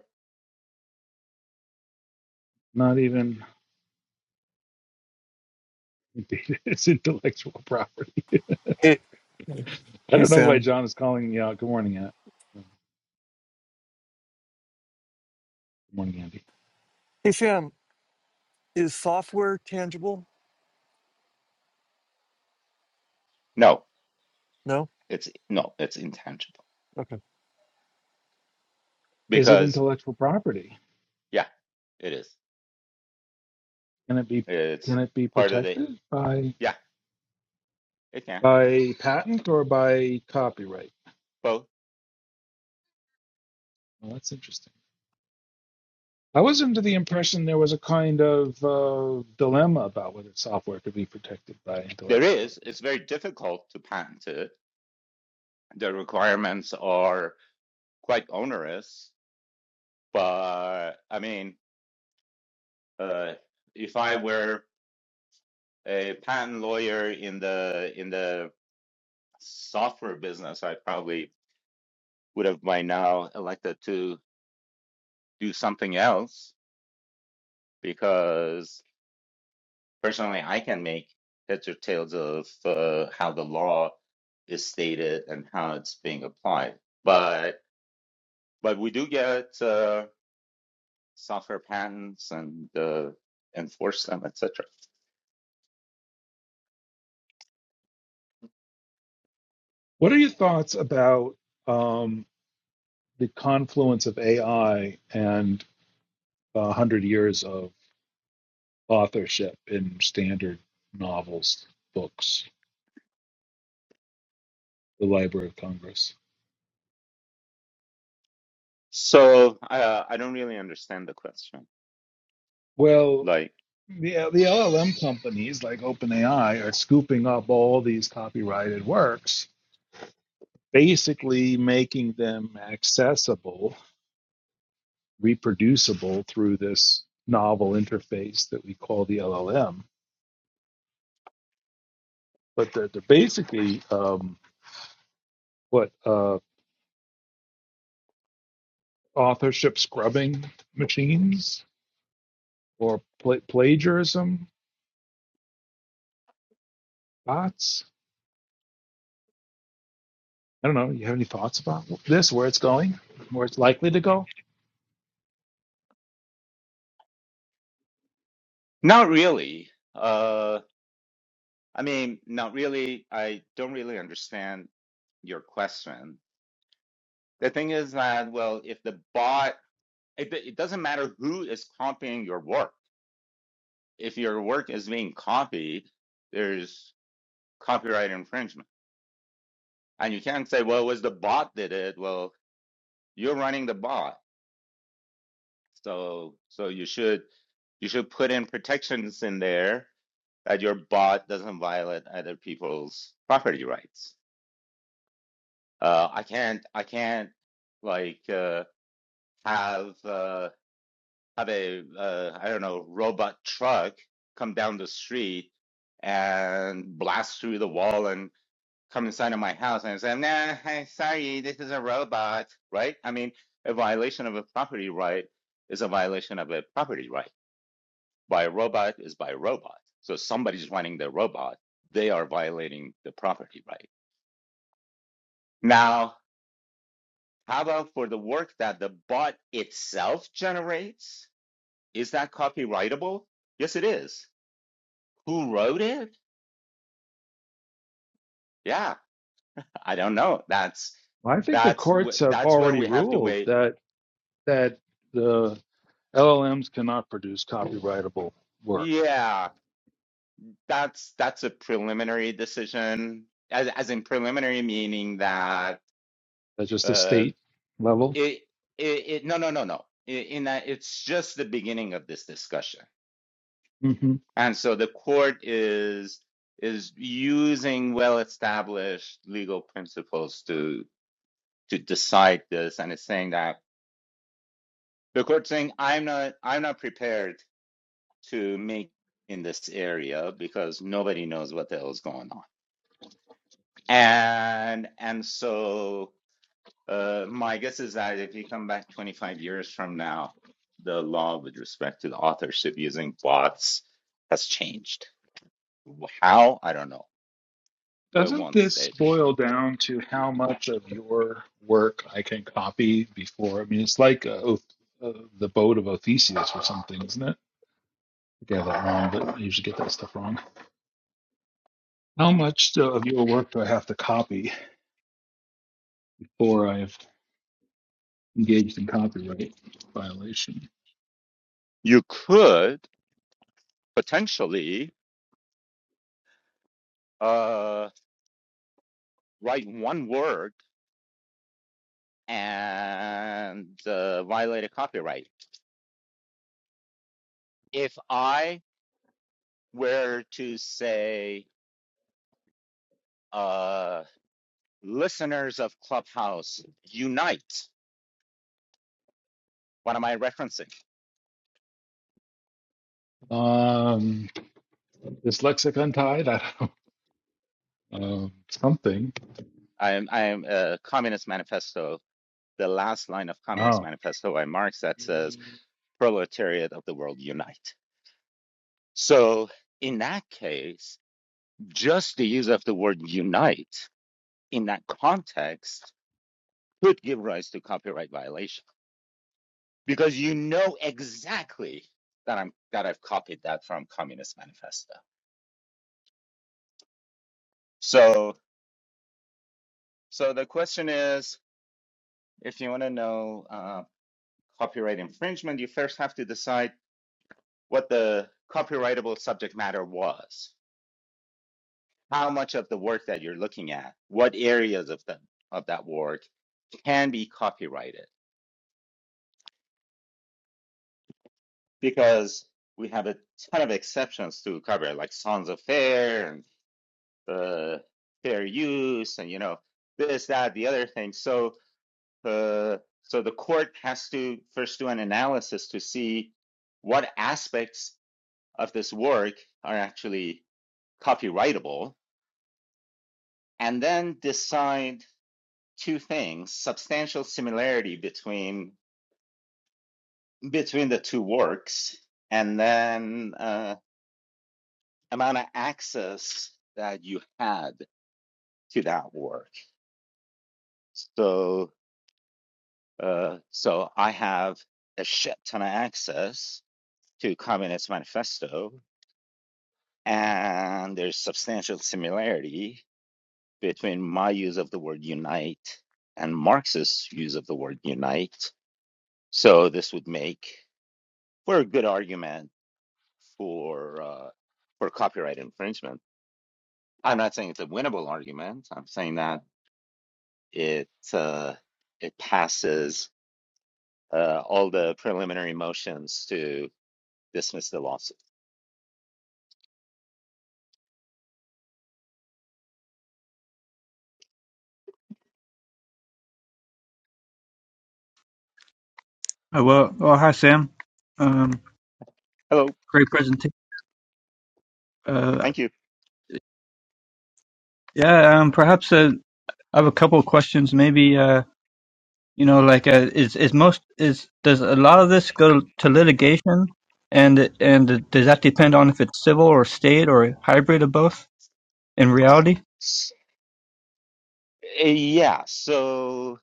S4: Not even data is intellectual property.
S5: Hey,
S4: I
S5: hey,
S4: don't know why
S5: Sam.
S4: John is calling me out. Good morning, Ann. Good morning, Andy.
S5: Hey, Sam. Is software tangible?
S1: No,
S5: No.
S1: it's no, it's intangible
S5: Okay.
S4: Is it
S1: because
S4: intellectual property?
S1: yeah, it is.
S4: Can it be
S1: It's
S4: can it be
S1: part of the
S4: protected by
S1: yeah, it can
S4: by patent or by copyright?
S1: both.
S4: Well, that's interesting. I was under the impression there was a kind of uh, dilemma about whether software could be protected by
S1: There
S4: intellectual
S1: is.
S4: property.
S1: It's very difficult to patent it. The requirements are quite onerous, but I mean, uh, if I were a patent lawyer in the in the software business, I probably would have by now elected to do something else because personally I can make heads or tails of uh, how the law is stated and how it's being applied. But but we do get uh, software patents and uh, enforce them, etc.
S4: What are your thoughts about um, the confluence of AI and a hundred years of authorship in standard novels, books, the Library of Congress?
S1: So uh, I don't really understand the question.
S4: Well,
S1: Like
S4: the, the LLM companies like OpenAI are scooping up all these copyrighted works, basically making them accessible reproducible through this novel interface that we call the LLM. But they're, they're basically um, what uh, authorship scrubbing machines or pla- plagiarism bots. I don't know. You have any thoughts about this? Where it's going? Where it's likely to go?
S1: not really. Uh, I mean, not really. I don't really understand your question. The thing is that well, if the bot it, it doesn't matter who is copying your work. If your work is being copied, there's copyright infringement. And you can't say, well, it was the bot that did it. Well, you're running the bot. So, so you should, you should put in protections in there that your bot doesn't violate other people's property rights. Uh, I can't, I can't like, uh, have, uh, have a uh, I don't know robot truck come down the street and blast through the wall and come inside of my house and I say, "Nah, hey, sorry, this is a robot," right? I mean, a violation of a property right is a violation of a property right. By a robot is by a robot. So somebody's running the robot. They are violating the property right. Now, how about for the work that the bot itself generates? Is that copyrightable? Yes, it is who wrote it? Yeah, I don't know. That's
S4: Well, I think the
S1: that's
S4: courts
S1: wh-
S4: have
S1: that's where
S4: already
S1: we have to
S4: ruled
S1: wait.
S4: that that the LLMs cannot produce copyrightable work.
S1: Yeah, that's that's a preliminary decision, as as in preliminary meaning that
S4: That's just a
S1: uh,
S4: state level.
S1: it, it it no no no no I- in that it's just the beginning of this discussion,
S4: Mm-hmm.
S1: and so the court is is using well established legal principles to to decide this, and it's saying that the court saying I'm not I'm not prepared to make in this area because nobody knows what the hell is going on. And and so uh, my guess is that if you come back 25 years from now, the law with respect to the authorship using bots has changed. How? I don't know, but it
S4: Doesn't
S1: won't
S4: this
S1: stay this.
S4: boil down to how much of your work I can copy before? I mean, it's like uh, Oth- uh, the boat of Odysseus or something, isn't it? I got that wrong, but I usually get that stuff wrong. How much do- of your work do I have to copy before I've engaged in copyright violation?
S1: You could potentially uh, write one word and uh, violate a copyright. If I were to say uh, listeners of Clubhouse, unite. What am I referencing?
S4: Um, dyslexic untied? I don't know. Um, something.
S1: I am, I am uh, Communist Manifesto, the last line of Communist
S4: Oh,
S1: Manifesto by Marx that says, Proletariat of the world, unite. So, in that case, just the use of the word unite in that context could give rise to copyright violation because you know exactly that I'm that I've copied that from Communist Manifesto. So so the question is If you want to know uh, copyright infringement, you first have to decide what the copyrightable subject matter was, how much of the work that you're looking at, what areas of the of that work can be copyrighted, because we have a ton of exceptions to copyright, like Sons of Fair and uh, fair use, and you know this, that, the other thing. So uh, so the court has to first do an analysis to see what aspects of this work are actually copyrightable, and then decide two things: substantial similarity between between the two works, and then uh, amount of access that you had to that work. So, uh, so I have a shit ton of access to Communist Manifesto, and there's substantial similarity. between my use of the word unite and Marx's use of the word unite. So this would make for a good argument for uh, for copyright infringement. I'm not saying it's a winnable argument. I'm saying that it uh, it passes uh, all the preliminary motions to dismiss the lawsuit.
S6: Oh, well, well, hi Sam. Um,
S1: Hello,
S6: great presentation. Uh,
S1: thank you.
S6: yeah, um, perhaps uh, I have a couple of questions. Maybe uh, you know, like, uh, is is most is does a lot of this go to litigation, and and does that depend on if it's civil or state or a hybrid of both in reality?
S1: S- uh, yeah, so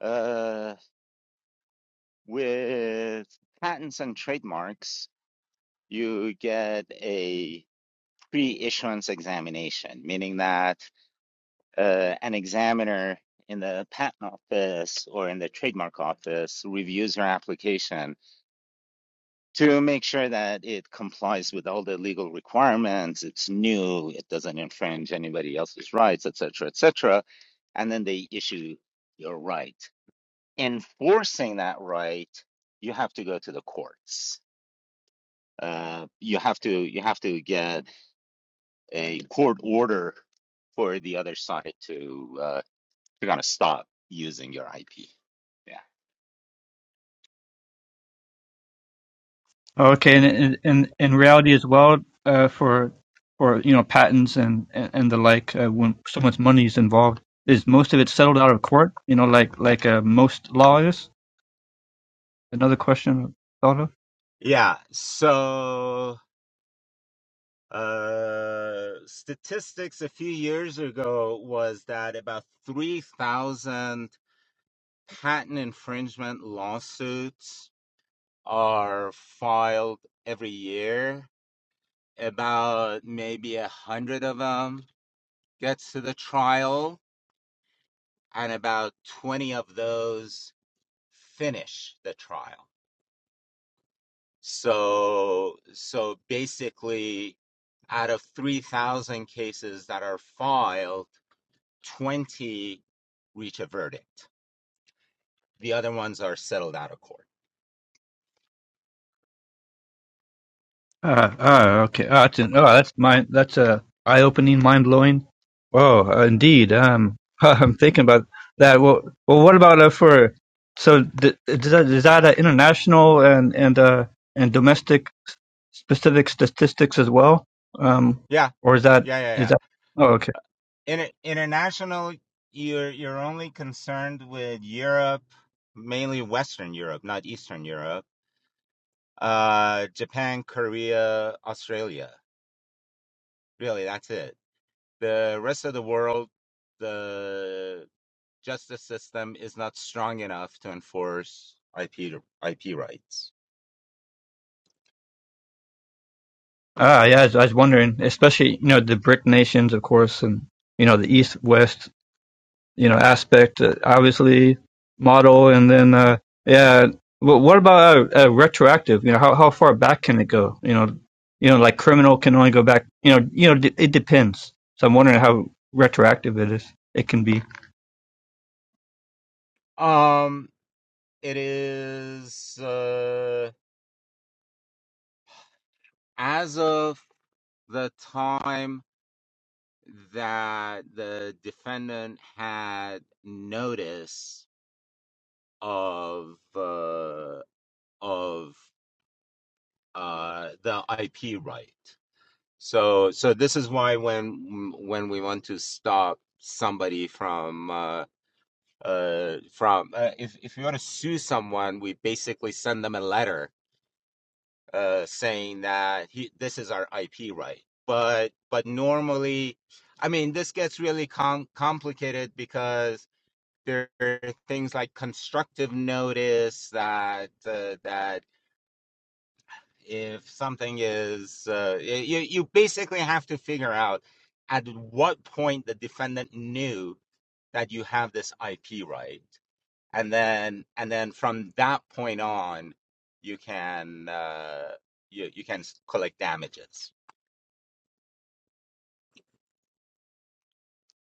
S1: uh, with patents and trademarks. you get a pre-issuance examination, meaning that uh, an examiner in the patent office or in the trademark office reviews your application to make sure that it complies with all the legal requirements, it's new, it doesn't infringe anybody else's rights, etc., cetera, etc., cetera, and then they issue your right. Enforcing that right, you have to go to the courts. Uh, you have to you have to get a court order for the other side to uh, to kind of stop using your IP. Yeah.
S6: Okay, and in in, in reality as well uh, for for you know patents and and, and the like uh, when so much money is involved, is most of it settled out of court? You know, like like uh, most law is. another question I thought of?
S1: Yeah, so uh statistics a few years ago was that about 3,000 patent infringement lawsuits are filed every year. About maybe a hundred of them gets to the trial, and about 20 of those finish the trial. So, so basically, out of 3,000 cases that are filed, 20 reach a verdict. The other ones are settled out of court.
S6: Ah, ah, okay. Ah, that's an, oh, that's mind. That's a eye-opening, mind-blowing. Oh, uh, indeed. Um, I'm thinking about that. Well, well, what about uh, for? So, th- is that, is that uh, international and and uh, and domestic s- specific statistics as well? Um,
S1: Yeah,
S6: or is that
S1: yeah, yeah,
S6: is
S1: yeah.
S6: that? Oh, okay.
S1: In, international, you're you're only concerned with Europe, mainly Western Europe, not Eastern Europe. Uh, Japan, Korea, Australia. Really, that's it. The rest of the world, the justice system is not strong enough to enforce IP IP rights.
S6: Ah, yeah. I was, I was wondering, especially you know the BRIC nations, of course, and you know the East, West. you know aspect uh, obviously model and then uh yeah but what about uh, uh, retroactive you know how how far back can it go you know you know like criminal can only go back you know you know d- it depends so i'm wondering how retroactive it is it can be
S1: Um, it is uh, as of the time that the defendant had notice of uh, of uh, the IP right. So so this is why when when we want to stop somebody from uh, uh, from uh, if if you want to sue someone, we basically send them a letter uh, saying that he, this is our IP right. But but normally, I mean, this gets really com- complicated because there are things like constructive notice that uh, that if something is uh, y- you you basically have to figure out at what point the defendant knew that you have this IP right and then and then from that point on you can uh you you can collect damages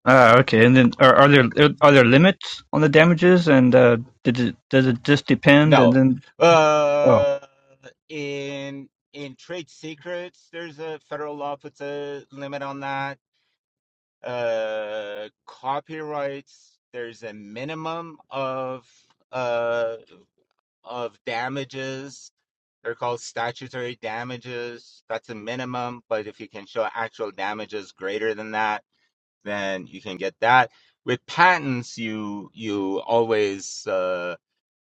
S6: ah okay and then are, are there are there limits on the damages and uh did it, does it just depend and
S1: no
S6: then oh
S1: uh in in trade secrets there's a federal law puts a limit on that uh copyrights there's a minimum of uh of damages they're called statutory damages that's a minimum but if you can show actual damages greater than that then you can get that. With patents, you you always uh,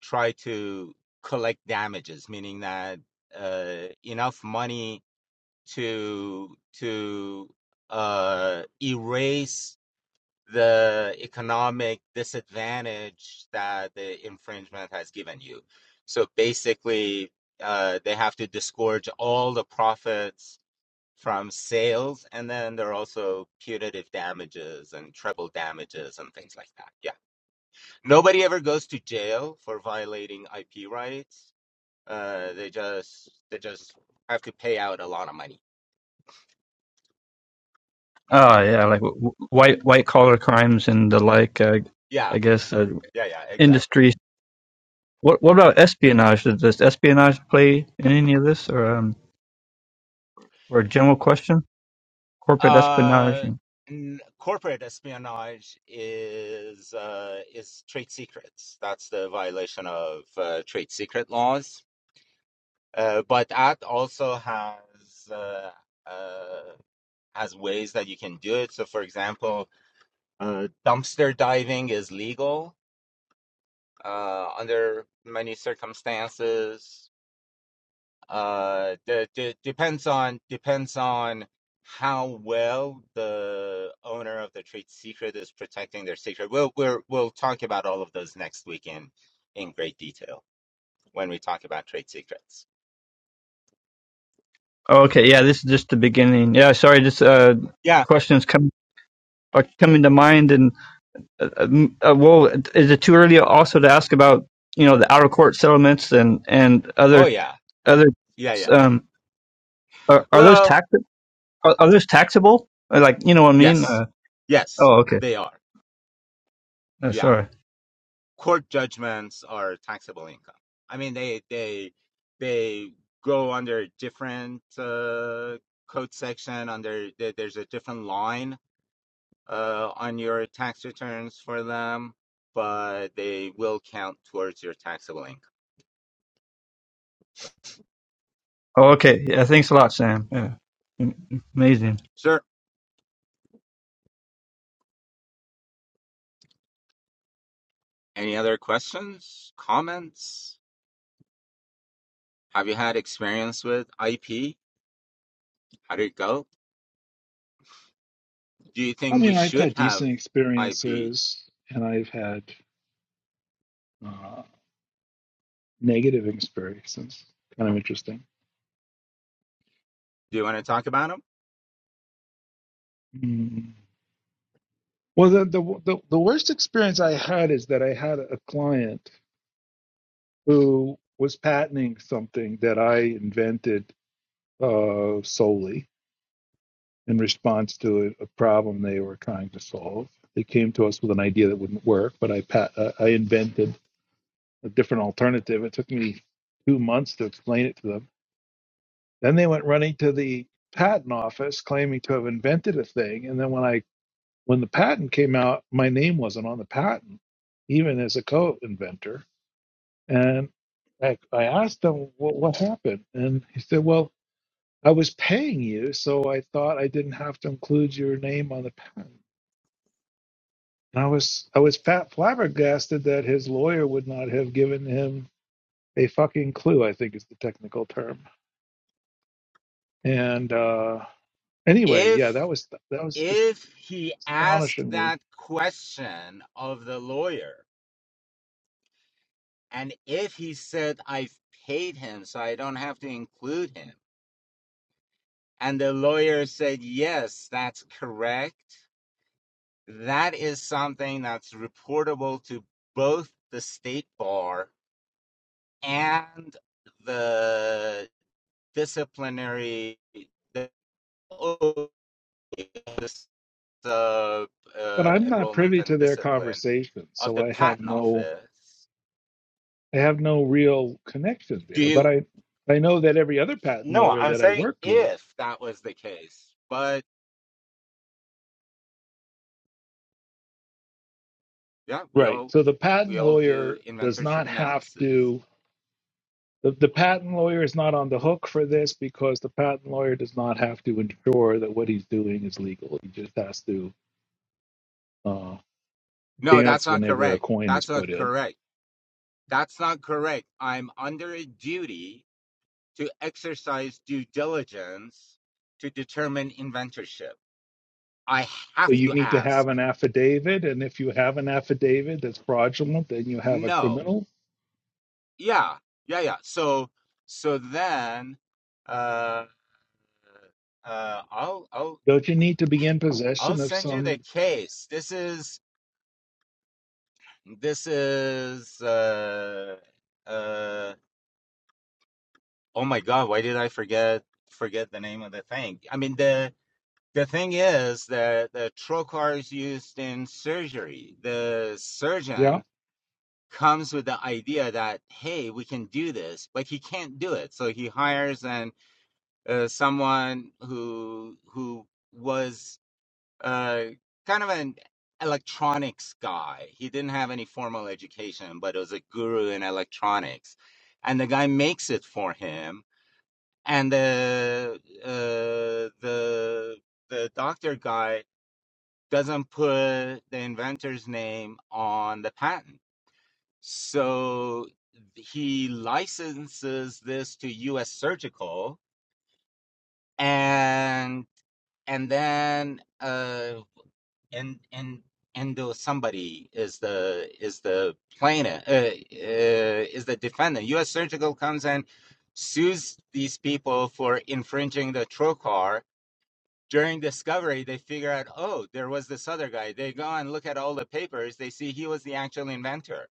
S1: try to collect damages, meaning that uh, enough money to to uh, erase the economic disadvantage that the infringement has given you. So basically, uh, they have to disgorge all the profits from sales, and then there are also punitive damages and treble damages and things like that. Yeah, nobody ever goes to jail for violating IP rights. Uh, they just they just have to pay out a lot of money.
S6: ah yeah like w- w- white white collar crimes and the like uh, i
S1: Yeah,
S6: guess uh,
S1: yeah, yeah, exactly.
S6: industry What what about espionage? Does, does espionage play in any of this, or um, or a general question? Corporate espionage.
S1: Uh,
S6: And,
S1: n- corporate espionage is uh, is trade secrets. That's the violation of uh, trade secret laws. Uh, but that also has uh, uh, as ways that you can do it. So, for example, uh, dumpster diving is legal uh, under many circumstances. Uh, the, the, depends on depends on how well the owner of the trade secret is protecting their secret. We'll we're, we'll talk about all of those next week in in great detail when we talk about trade secrets.
S6: oh, okay, yeah, this is just the beginning. Yeah, sorry, just uh,
S1: Yeah.
S6: questions come are coming to mind, and uh, um, uh, well, is it too early also to ask about you know the outer court settlements and and
S1: Oh
S6: other
S1: yeah.
S6: other
S1: Yeah yeah.
S6: um are, are those
S1: Well,
S6: tax are, are those taxable? Uh, Like you know what I mean?
S1: yes,
S6: Uh,
S1: yes,
S6: oh, okay,
S1: they are.
S6: uh,
S1: Yeah.
S6: sorry.
S1: court judgments are taxable income. I mean, they they they go under different uh, code section. Under there's a different line uh, on your tax returns for them, but they will count towards your taxable income.
S6: Oh, okay. Yeah, thanks a lot, Sam. Yeah, amazing.
S1: Sure. Any other questions, comments? Have you had experience with IP? How did it go? Do you
S4: I
S1: think we
S4: mean, I've
S1: should
S4: had
S1: have
S4: decent
S1: IP? Do
S4: experiences and I've had. uh, negative experiences. Kind of interesting.
S1: you want to talk about them?
S4: Mm. Well, the, the the the worst experience I had is that I had a client who was patenting something that I invented uh, solely in response to a, a problem they were trying to solve. They came to us with an idea that wouldn't work, but I pat uh, I invented a different alternative. It took me two months to explain it to them. Then they went running to the patent office claiming to have invented a thing, and then when I When the patent came out, my name wasn't on the patent, even as a co inventor. And I, I asked him, well, What happened? And he said, Well, I was paying you, so I thought I didn't have to include your name on the patent. And I was I was fat flabbergasted that his lawyer would not have given him a fucking clue. I think is the technical term. And uh, anyway, yeah,
S1: If
S4: that was that was just
S1: if he asked that
S4: astonishingly.
S1: question of the lawyer and if he said i've paid him so i don't have to include him and the lawyer said yes that's correct that is something that's reportable to both the state bar and the disciplinary the
S4: But
S1: uh,
S4: I'm not
S1: enrollment
S4: privy to
S1: and
S4: their
S1: discipline
S4: conversations,
S1: of
S4: so
S1: the
S4: I have
S1: patent
S4: no
S1: office
S4: I have no real connection
S1: Do
S4: there, but
S1: you?
S4: I I know that every other patent
S1: No,
S4: lawyer
S1: I'm
S4: that I
S1: saying
S4: worked with,
S1: if that was the case, but yeah, we
S4: right.
S1: all
S4: So the
S1: we
S4: patent
S1: all do
S4: lawyer does
S1: inventorship
S4: not have
S1: analysis.
S4: to the, the patent lawyer is not on the hook for this because the patent lawyer does not have to ensure that what he's doing is legal. He just has to uh,
S1: No, that's
S4: dance
S1: not
S4: whenever a
S1: correct.
S4: coin is
S1: That's not
S4: put in.
S1: correct. That's not correct. I'm under a duty to exercise due diligence to determine inventorship. I
S4: So
S1: have
S4: you
S1: to
S4: need to
S1: ask.
S4: have an affidavit, and if you have an affidavit that's fraudulent, then you have a
S1: No.
S4: criminal.
S1: Yeah. Yeah. Yeah. So so then, uh, uh, I'll I'll
S4: Don't you need to be in
S1: I'll
S4: possession of
S1: send you the
S4: some?
S1: case. This is This is uh uh oh my God, why did I forget forget the name of the thing? I mean the the thing is that the trocar is used in surgery. The
S4: Yeah.
S1: surgeon comes with the idea that hey, we can do this, but he can't do it. So he hires an uh, someone who who was uh, kind of an electronics guy. He didn't have any formal education, but was a guru in electronics. And the guy makes it for him. And the uh, the the doctor guy doesn't put the inventor's name on the patent, so he licenses this to U.S. Surgical, and and then uh. and and and the somebody is the is the plaintiff uh, uh, is the defendant. U.S. Surgical comes and sues these people for infringing the trocar. During discovery, they figure out, oh, there was this other guy. They go and look at all the papers. They see he was the actual inventor.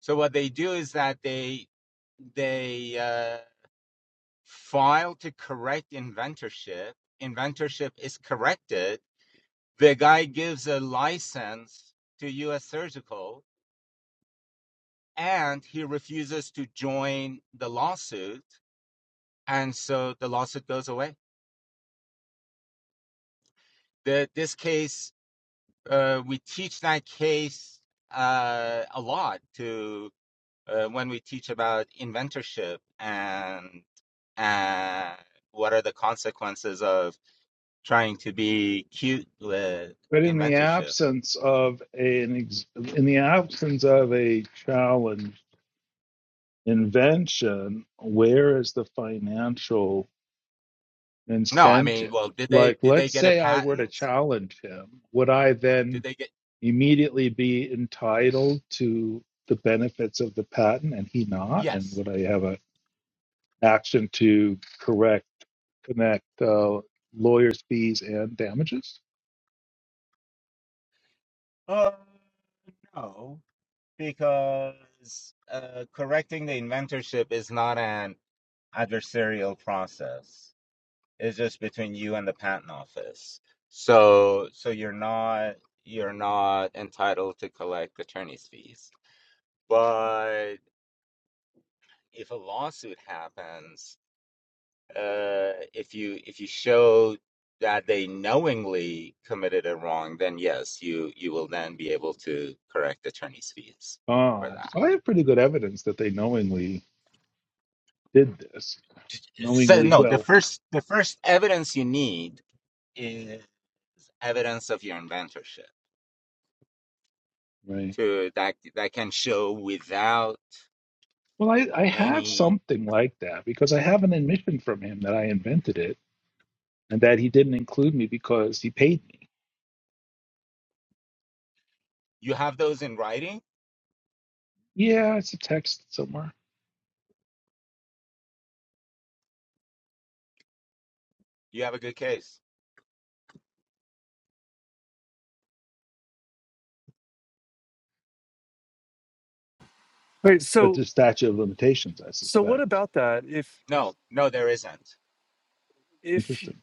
S1: So what they do is that they they uh, file to correct inventorship. Inventorship is corrected the guy gives a license to US Surgical and he refuses to join the lawsuit. And so the lawsuit goes away. The, this case, uh, we teach that case uh, a lot to uh, when we teach about inventorship and, and what are the consequences of trying to be cute with
S4: But in the
S1: inventorship.
S4: absence of a, an ex, in the absence of a challenge invention, where is the financial
S1: No, I mean,
S4: incentive?
S1: well, did they
S4: Like,
S1: did they
S4: let's
S1: get a
S4: say I were to
S1: patent?
S4: challenge him, would I
S1: Did
S4: then
S1: they get
S4: immediately be entitled to the benefits of the patent and he not? And
S1: yes?
S4: would I have a action to correct, connect uh, lawyers' fees and damages?
S1: Uh, no, because uh, correcting the inventorship is not an adversarial process. It's just between you and the patent office. So, so you're not you're not entitled to collect attorney's fees. But if a lawsuit happens, uh, if you if you show that they knowingly committed a wrong, then yes, you you will then be able to correct attorney's fees for
S4: Oh,
S1: that.
S4: so I have pretty good evidence that they knowingly did this
S1: So
S4: knowingly
S1: no, the
S4: well
S1: first the first evidence you need is evidence of your inventorship
S4: right
S1: to that that can show without
S4: well I, I have
S1: any
S4: something like that because i have an admission from him that i invented it and that he didn't include me because he paid me
S1: you have those in writing,
S4: yeah it's a text somewhere
S1: you have a good case.
S5: Wait.
S4: but
S5: So,
S4: the statute of limitations i
S5: so what
S4: suspect
S5: about that? If
S1: No, no, there isn't.
S5: if
S4: interesting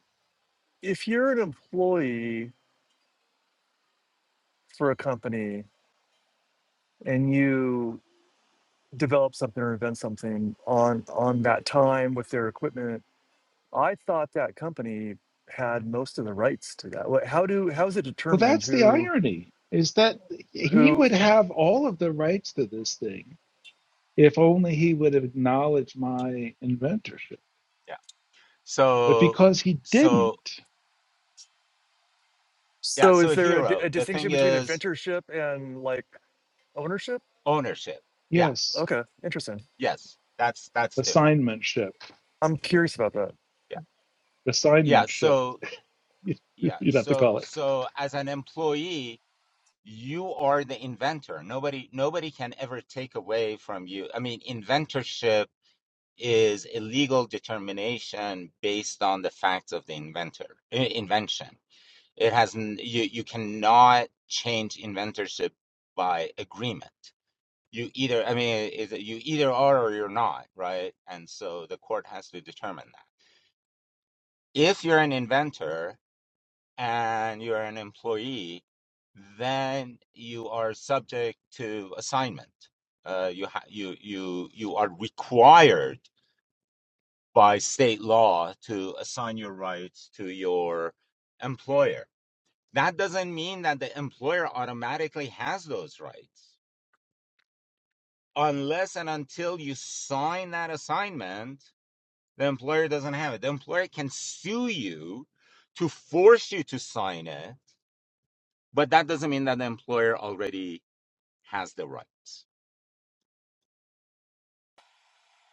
S5: if you're an employee for a company and you develop something or invent something on on that time with their equipment, I thought that company had most of the rights to that. What? How do how is it
S4: well
S5: determined
S4: that's the
S5: who
S4: irony is that he
S5: who?
S4: would have all of the rights to this thing if only he would have acknowledged my inventorship
S1: Yeah.
S4: but
S1: So
S4: because he
S1: so
S4: didn't
S1: yeah,
S5: So,
S1: so
S5: is there a, di-
S1: hero,
S5: a
S1: the thing
S5: distinction between
S1: is
S5: inventorship and like ownership?
S1: ownership. Yeah,
S4: yes
S5: Okay, interesting.
S1: yes. That's that's different.
S4: assignmentship
S5: I'm curious about that.
S1: Yeah. Yeah.
S4: assignmentship
S1: So yeah.
S4: You'd have to
S1: So
S4: call it.
S1: so as an employee you are the inventor nobody nobody can ever take away from you i mean inventorship is a legal determination based on the facts of the inventor invention it has you you cannot change inventorship by agreement you either i mean is it- you either are or you're not right and so the court has to determine that if you're an inventor and you're an employee, then you are subject to assignment. Uh, you ha- you you you are required by state law to assign your rights to your employer. That doesn't mean that the employer automatically has those rights. Unless and until you sign that assignment, the employer doesn't have it. The employer can sue you to force you to sign it But that doesn't mean that the employer already has the rights.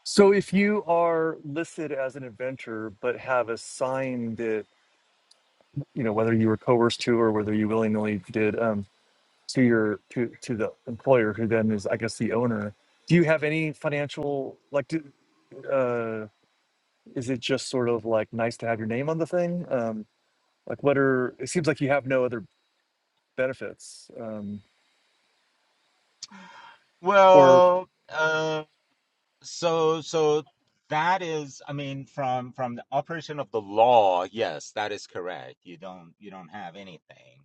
S5: So if you are listed as an adventurer but have a sign that you know whether you were coerced to or whether you willingly did um, to your to to the employer who then is I guess the owner. Do you have any financial like? Do, uh, is it just sort of like nice to have your name on the thing? Um, like what are? It seems like you have no other benefits. Um, or
S1: Well, uh, so so that is, I mean, from from the operation of the law, yes, that is correct. You don't you don't have anything.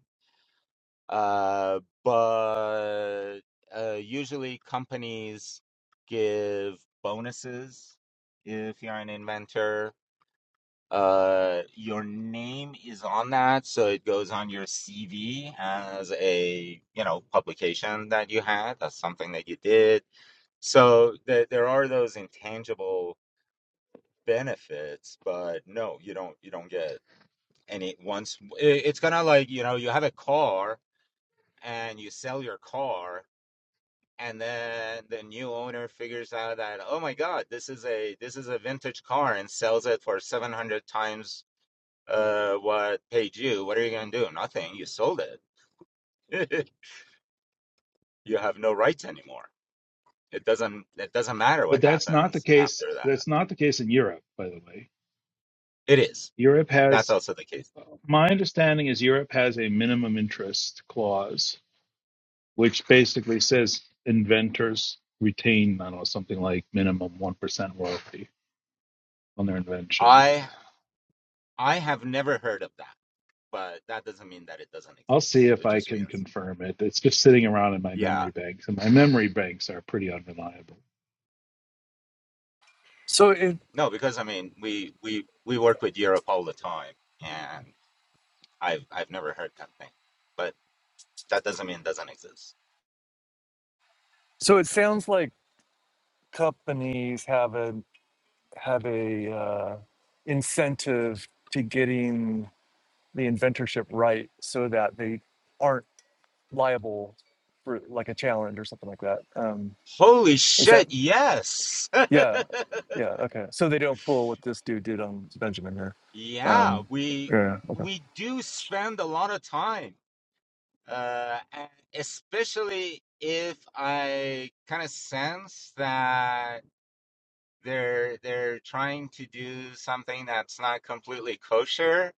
S1: Uh, but uh, usually companies give bonuses if you're an inventor. Uh, your name is on that, so it goes on your CV as a, you know, publication that you had. That's something that you did. So there there are those intangible benefits, but no, you don't you don't get any once i- it's kind of like, you know, you have a car and you sell your car and then the new owner figures out that, oh my God, this is a this is a vintage car and sells it for 700 times uh, what paid you, what are you going to do? Nothing. You sold it. you have no rights anymore. It doesn't. It doesn't matter what
S4: But that's not the
S1: happens after
S4: case.
S1: that.
S4: That's not the case in Europe, by the way.
S1: It is.
S4: Europe
S1: That's
S4: has,
S1: also the case.
S4: my understanding is Europe has a minimum interest clause, which basically says inventors retain, I don't know, something like minimum 1% royalty on their inventions.
S1: I I have never heard of that, but that doesn't mean that it doesn't
S4: I'll see
S1: exist.
S4: if
S1: It
S4: I
S1: just
S4: can
S1: means
S4: confirm it. It's just sitting around in my
S1: yeah.
S4: memory banks, and my memory banks are pretty unreliable.
S5: so it
S1: No, because I mean we we we work with Europe all the time, and I've I've never heard that thing, but that doesn't mean it doesn't exist.
S5: so it sounds like companies have a have a uh, incentive to getting the inventorship right so that they aren't liable for like a challenge or something like that. Um,
S1: Holy
S5: is that
S1: shit! Yes.
S5: yeah, yeah, okay. So they don't pull what this dude did on Benjamin here.
S1: Yeah,
S5: Um,
S1: we
S5: yeah, yeah, okay.
S1: we do spend a lot of time, uh, and especially if I kind of sense that they're they're trying to do something that's not completely kosher.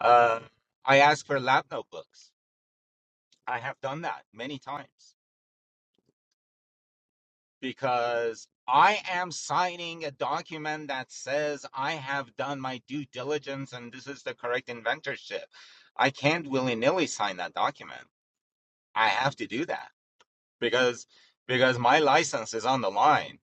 S1: Uh, I ask for lab notebooks. I have done that many times. because I am signing a document that says I have done my due diligence and this is the correct inventorship. I can't willy nilly sign that document. I have to do that because because my license is on the line.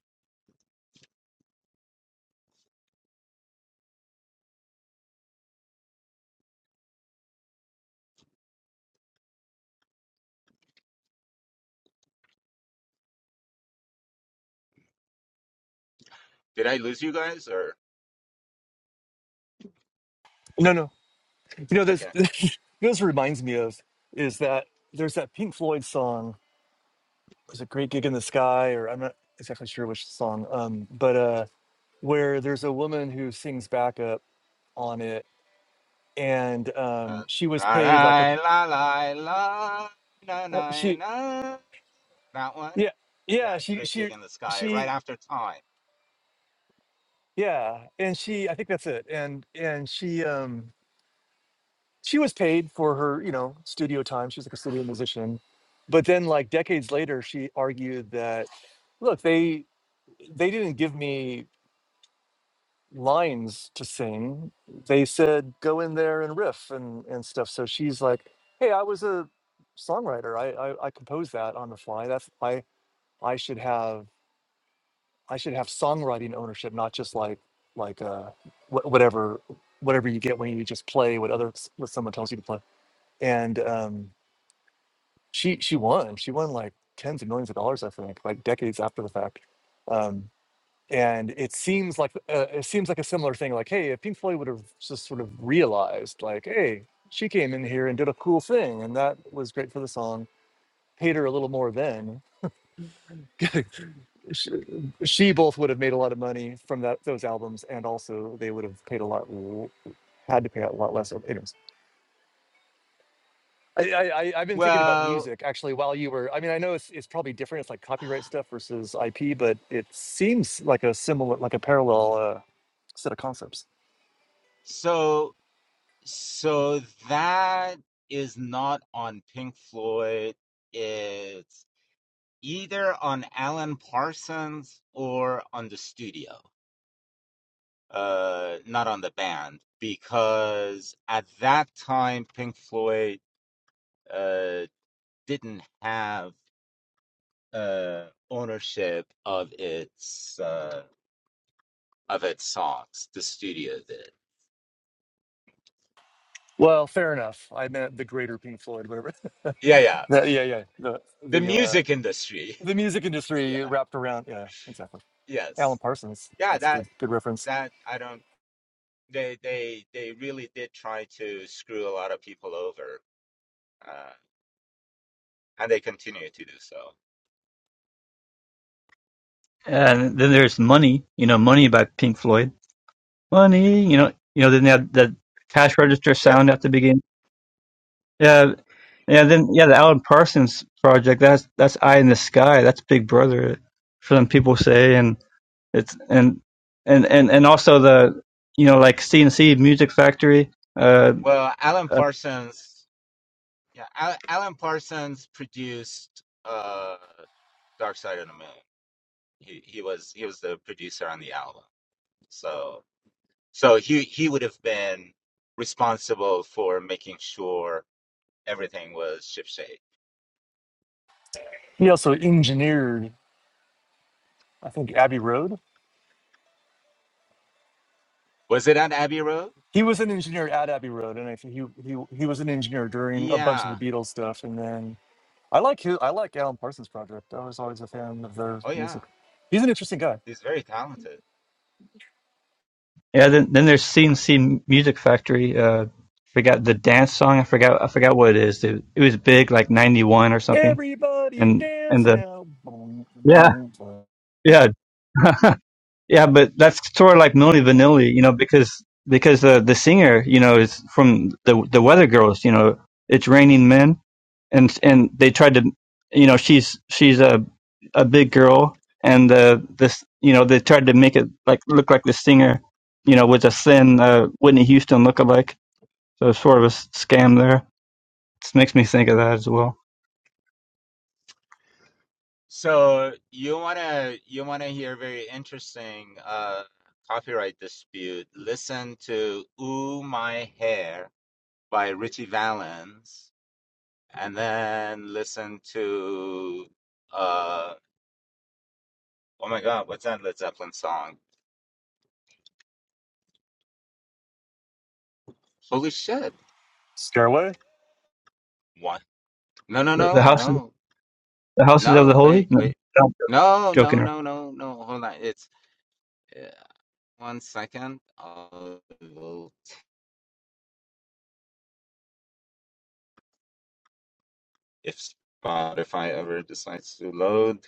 S1: Did I lose you guys or
S5: No, no. You know this
S1: okay?
S5: you know this reminds me of is that there's that Pink Floyd song, was it Great Gig in the Sky or I'm not exactly sure which song. Um, but uh where there's a woman who sings backup on it and
S1: Uh,
S5: um, she was
S1: la
S5: paid like a
S1: la la la na
S5: uh,
S1: na
S5: she
S1: na. That one,
S5: yeah
S1: yeah,
S5: yeah she
S1: great gig
S5: she
S1: in the sky right
S5: she
S1: after time.
S5: yeah and she I think that's it and and she um she was paid for her you know studio time she was like a studio musician but then like decades later she argued that look they they didn't give me lines to sing they said go in there and riff and and stuff so she's like hey I was a songwriter I I, I composed that on the fly that's I I should have I should have songwriting ownership, not just like like uh wh- whatever whatever you get when you just play what other what someone tells you to play. And um, she she won. She won like tens of millions of dollars, I think, like decades after the fact. Um, and it seems like uh, it seems like a similar thing. Like, hey, if Pink Floyd would have just sort of realized, like, hey, she came in here and did a cool thing, and that was great for the song. Paid her a little more then. sh- she both would have made a lot of money from that those albums, and also they would have paid a lot, l- had to pay a lot less. of- Anyways, I, I I- I've been thinking about
S1: Well,
S5: music actually while you were. I mean, I know it's it's probably different. It's like copyright stuff versus IP, but it seems like a similar, like a parallel uh, set of concepts.
S1: so So that is not on Pink Floyd. It's either on Alan Parsons or on the studio, uh, not on the band, because at that time Pink Floyd uh, didn't have uh, ownership of its uh, of its songs. The studio did.
S5: Well, fair enough. I meant the greater Pink Floyd, whatever.
S1: Yeah, yeah.
S5: That- yeah, yeah. The
S1: The
S5: the uh,
S1: music industry.
S5: the music industry
S1: Yeah.
S5: wrapped around. Yeah, exactly. Alan
S1: Yes.
S5: Parsons.
S1: Yeah.
S5: That's a
S1: That.
S5: good good reference.
S1: That. I don't. they they they really did try to screw a lot of people over, uh, and they continue to do so.
S6: And then there's Money, you know, Money by Pink Floyd. Money, you know, you know, then they had that cash register
S1: Yep.
S6: sound at the beginning. Yeah, yeah, then yeah, the Alan Parsons project, that's that's Eye in the Sky, that's Big Brother, some people say, and it's and and and and also the you know like CNC Music Factory. Uh,
S1: Well, Alan
S6: uh
S1: Parsons, yeah, Al- Alan Parsons produced uh, Dark Side of the Moon. He he was he was the producer on the album, so so he he would have been responsible for making sure everything was shipshape.
S5: He also engineered, I think, Abbey Road
S1: Was it on Abbey Road?
S5: He was an engineer at Abbey Road, and I think he he he was an engineer during a bunch of the
S1: Yeah.
S5: Beatles stuff. And then I like his, I like Alan Parsons Project. I was always a fan of their
S1: Oh yeah.
S5: music. He's an interesting guy.
S1: He's very talented.
S6: yeah, then then there's CNC Music Factory. Uh, forgot the dance song. I forgot I forgot what it is. It, it was big, like '91 or something.
S5: Everybody
S6: And and
S5: dance
S6: the
S5: now, boom
S6: yeah
S5: boom. boom.
S6: Yeah, yeah, but that's sort of like Milli Vanilli, you know, because because uh, the singer, you know, is from the the Weather Girls, you know, it's raining men, and and they tried to, you know, she's she's a a big girl, and uh, this, you know, they tried to make it like look like the singer, you know, was a thin uh, Whitney Houston lookalike, so it's sort of a s- scam there. It makes me think of that as well.
S1: So you wanna you wanna hear very interesting uh, copyright dispute? Listen to "Ooh My Hair" by Richie Valens, and then listen to uh, oh my God, what's that Led Zeppelin song? Holy shit!
S5: Stairway.
S1: What? No, no,
S6: The, the
S1: no,
S6: houses,
S1: no,
S6: the houses of the
S1: no.
S6: holy.
S1: Wait,
S6: No,
S1: wait.
S6: I'm
S1: No, no,
S6: joking
S1: no, no, no. Hold on. It's uh, one second. I will, if Spotify ever decides to load.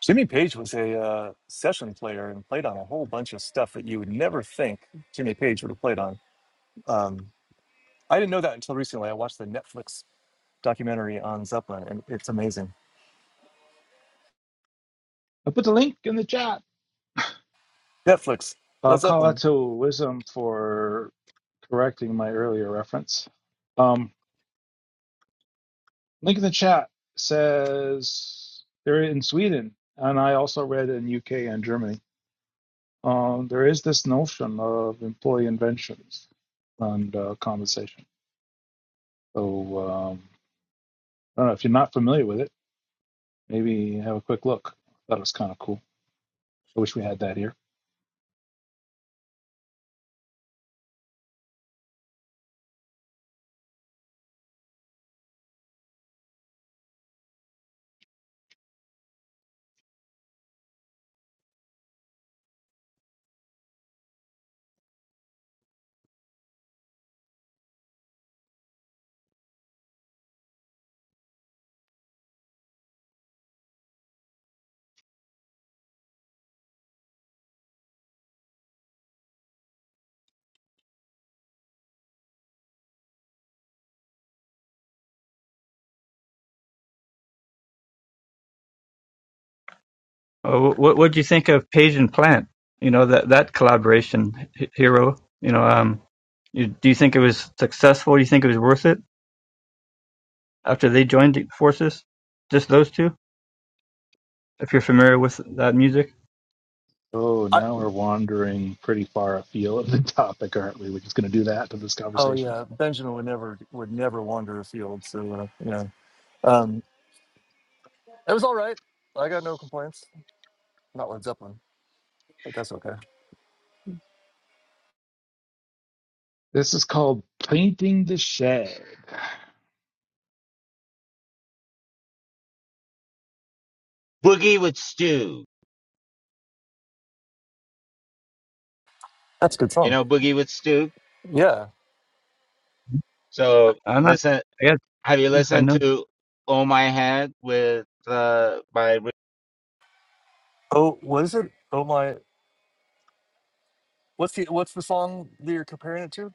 S5: Jimmy Page was a uh, session player and played on a whole bunch of stuff that you would never think Jimmy Page would have played on. Um, I didn't know that until recently. I watched the Netflix documentary on Zeppelin, and it's amazing.
S4: I put the link in the chat.
S5: Netflix, Led
S4: Uh, call out
S5: Zeppelin.
S4: to Wisdom for correcting my earlier reference. Um, link in the chat says they're in Sweden, and I also read in UK and Germany. Um, there is this notion of employee inventions and uh, compensation. So um, I don't know if you're not familiar with it. Maybe have a quick look. That was kind of cool. I wish we had that here.
S6: Uh, what what do you think of Page and Plant? You know that that collaboration, H- Hero. You know, um, you, do you think it was successful? Do you think it was worth it after they joined forces? Just those two, if you're familiar with that music.
S4: Oh,
S5: I,
S4: now we're wandering pretty far afield of the topic, aren't we? We're just going to do that to this
S5: Oh
S4: conversation.
S5: yeah, Benjamin would never would never wander a field. So uh, yeah, um, it was all right. I got no complaints. Not Led Zeppelin, but that's okay.
S4: This is called painting the shed.
S1: Boogie with Stu.
S5: That's a good
S1: You
S5: song.
S1: know Boogie with Stu.
S5: Yeah.
S1: So
S6: I'm not.
S1: listen,
S6: I guess
S1: have you
S6: if I
S1: listened
S6: know.
S1: to "Oh My Head" with uh by?
S5: Oh, what is it? Oh my, what's the what's the song that you're comparing it to?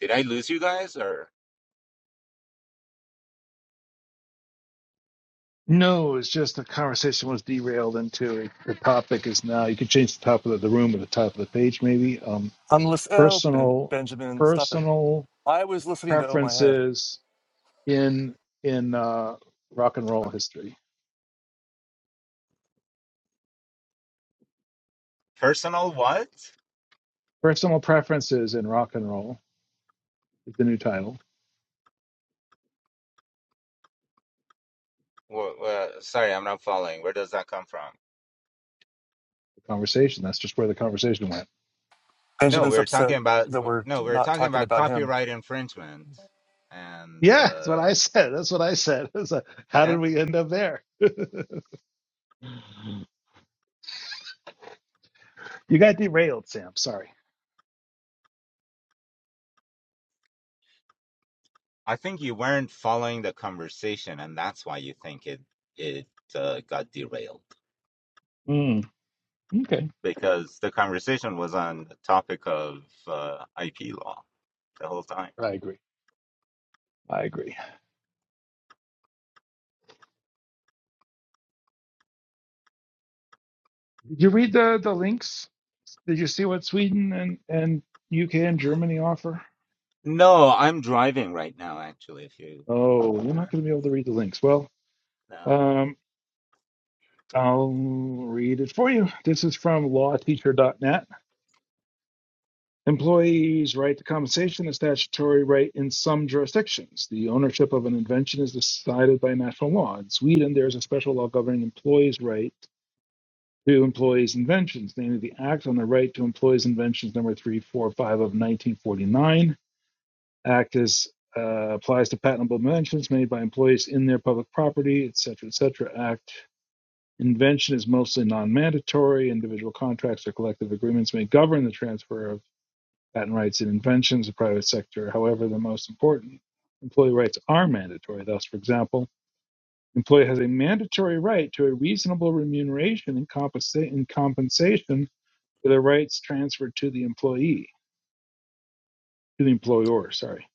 S1: Did I lose you guys or
S4: No, it's just the conversation was derailed into a, the topic is now. You could change the top of the, the room or the top of the page, maybe. Um,
S5: I'm listening. Oh, ben-
S4: personal,
S5: Benjamin, stop it!
S4: personal
S5: I was listening to Oh My Head.
S4: preferences in in uh, rock and roll history.
S1: personal what?
S4: Personal preferences in rock and roll is the new title.
S1: Wha- uh, sorry, I'm not following. Where does that come from?
S4: The conversation. That's just where the conversation went.
S1: No, we
S5: Benjamin's
S1: were talking
S5: upset
S1: about
S5: that we're
S1: no, we were
S5: not
S1: talking
S5: talking
S1: about
S5: about him.
S1: copyright infringement, and
S4: Yeah, that's
S1: uh,
S4: what I said. That's what I said. It's like, how did
S1: yeah,
S4: we end up there? You got derailed, Sam. Sorry.
S1: I think you weren't following the conversation, and that's why you think it it uh, got derailed.
S4: Mm, okay.
S1: because the conversation was on the topic of uh, IP law the whole time.
S4: I agree. I agree. Did you read the the links? Did you see what Sweden and and UK and Germany offer?
S1: No, I'm driving right now, actually, if you
S4: Oh,
S1: believe
S4: you're not going to be
S1: that.
S4: able to read the links. Well,
S1: No.
S4: um, I'll read it for you. This is from lawteacher.net. Employees' right to compensation is statutory right in some jurisdictions. The ownership of an invention is decided by national law. In Sweden, there is a special law governing employees' right to employees' inventions, namely the Act on the Right to Employees' Inventions, number 345 of 1949. Act is uh, applies to patentable inventions made by employees in their public property, et cetera, et cetera. Act invention is mostly non-mandatory. Individual contracts or collective agreements may govern the transfer of patent rights and inventions to the private sector. However, the most important employee rights are mandatory. Thus, for example, employee has a mandatory right to a reasonable remuneration and, compensa- and compensation for the rights transferred to the employee to the employer, sorry.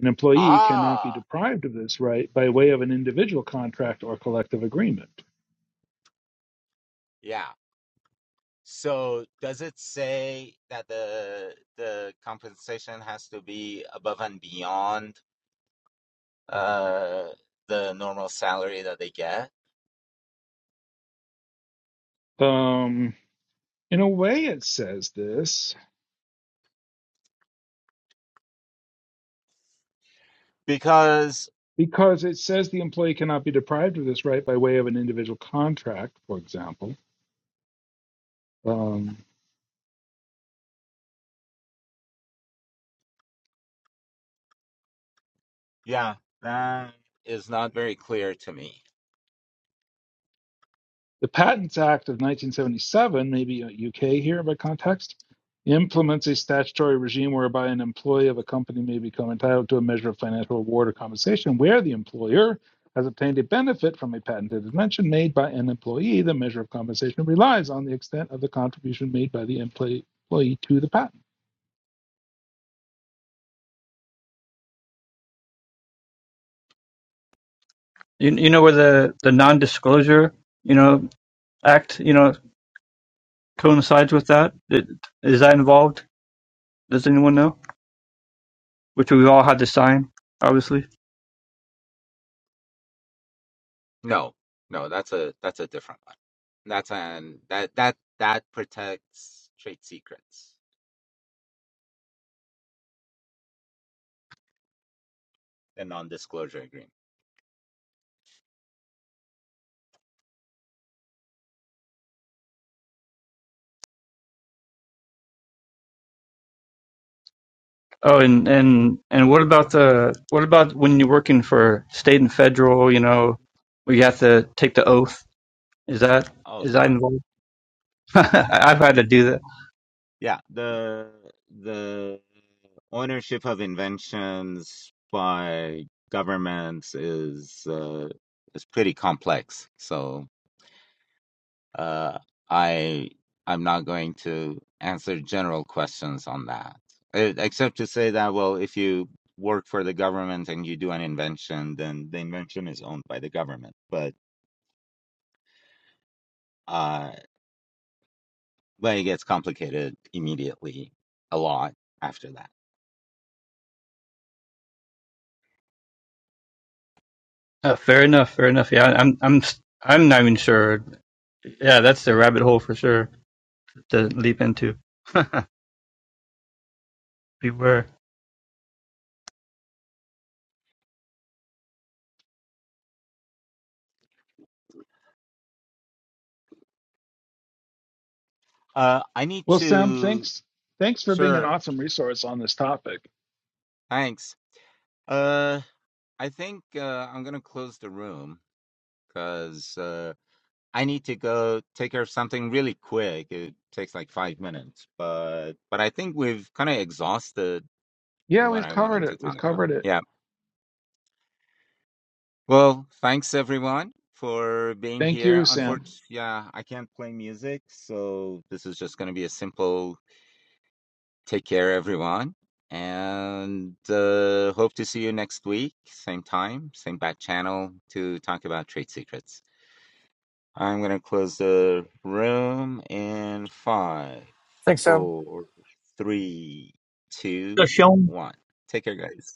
S4: An employee cannot be
S1: Ah,
S4: deprived of this right by way of an individual contract or collective agreement.
S1: yeah. So does it say that the the compensation has to be above and beyond uh, the normal salary that they get?
S4: Um, in a way, it says this
S1: Because,
S4: because it says the employee cannot be deprived of this right by way of an individual contract, for example. Um,
S1: yeah, that is not very clear to me.
S4: The Patents Act of 1977, maybe uh, UK here by context, implements a statutory regime whereby an employee of a company may become entitled to a measure of financial reward or compensation where the employer has obtained a benefit from a patented invention made by an employee. The measure of compensation relies on the extent of the contribution made by the employee to the patent.
S6: You you know where the the non-disclosure you know act you know coincides with that? Is that involved? Does anyone know? Which we all had to sign, obviously.
S1: No, no, that's a that's a different one. That's an that that that protects trade secrets and non-disclosure agreement.
S6: Oh, and and and what about the what about when you're working for state and federal? You know, where you have to take the oath. Is that
S1: Oh
S6: is that
S1: God,
S6: involved? I- I've had to do that.
S1: yeah, the the ownership of inventions by governments is uh, is pretty complex. So Uh, I I'm not going to answer general questions on that, Eh, except to say that well, if you work for the government and you do an invention, then the invention is owned by the government. But uh, but it gets complicated immediately a lot after that.
S6: Oh, fair enough. Fair enough. Yeah, I'm I'm s- I'm not even sure. Yeah, that's the rabbit hole for sure to leap into. Beware.
S1: Uh, I need
S4: Well, Sam,
S1: to.
S4: thanks. Thanks for being an
S1: Sure,
S4: awesome resource on this topic.
S1: thanks. Uh, I think uh, I'm gonna close the room because. Uh, I need to go take care of something really quick. It takes like five minutes, but but I think we've kind of exhausted
S4: Yeah,
S1: what
S4: we've
S1: I
S4: covered
S1: wanted to
S4: it. We've
S1: talk about.
S4: covered it.
S1: Yeah. Well, thanks everyone for being
S4: Thank
S1: here.
S4: you, Sam.
S1: Unfortunately, yeah, I can't play music, so this is just going to be a simple take care everyone and uh, hope to see you next week, same time, same bat channel to talk about trade secrets. I'm gonna close the room in five,
S5: Thanks, Sam.
S1: four, three,
S6: So,
S1: two,
S6: Sean,
S1: one. Take care, guys.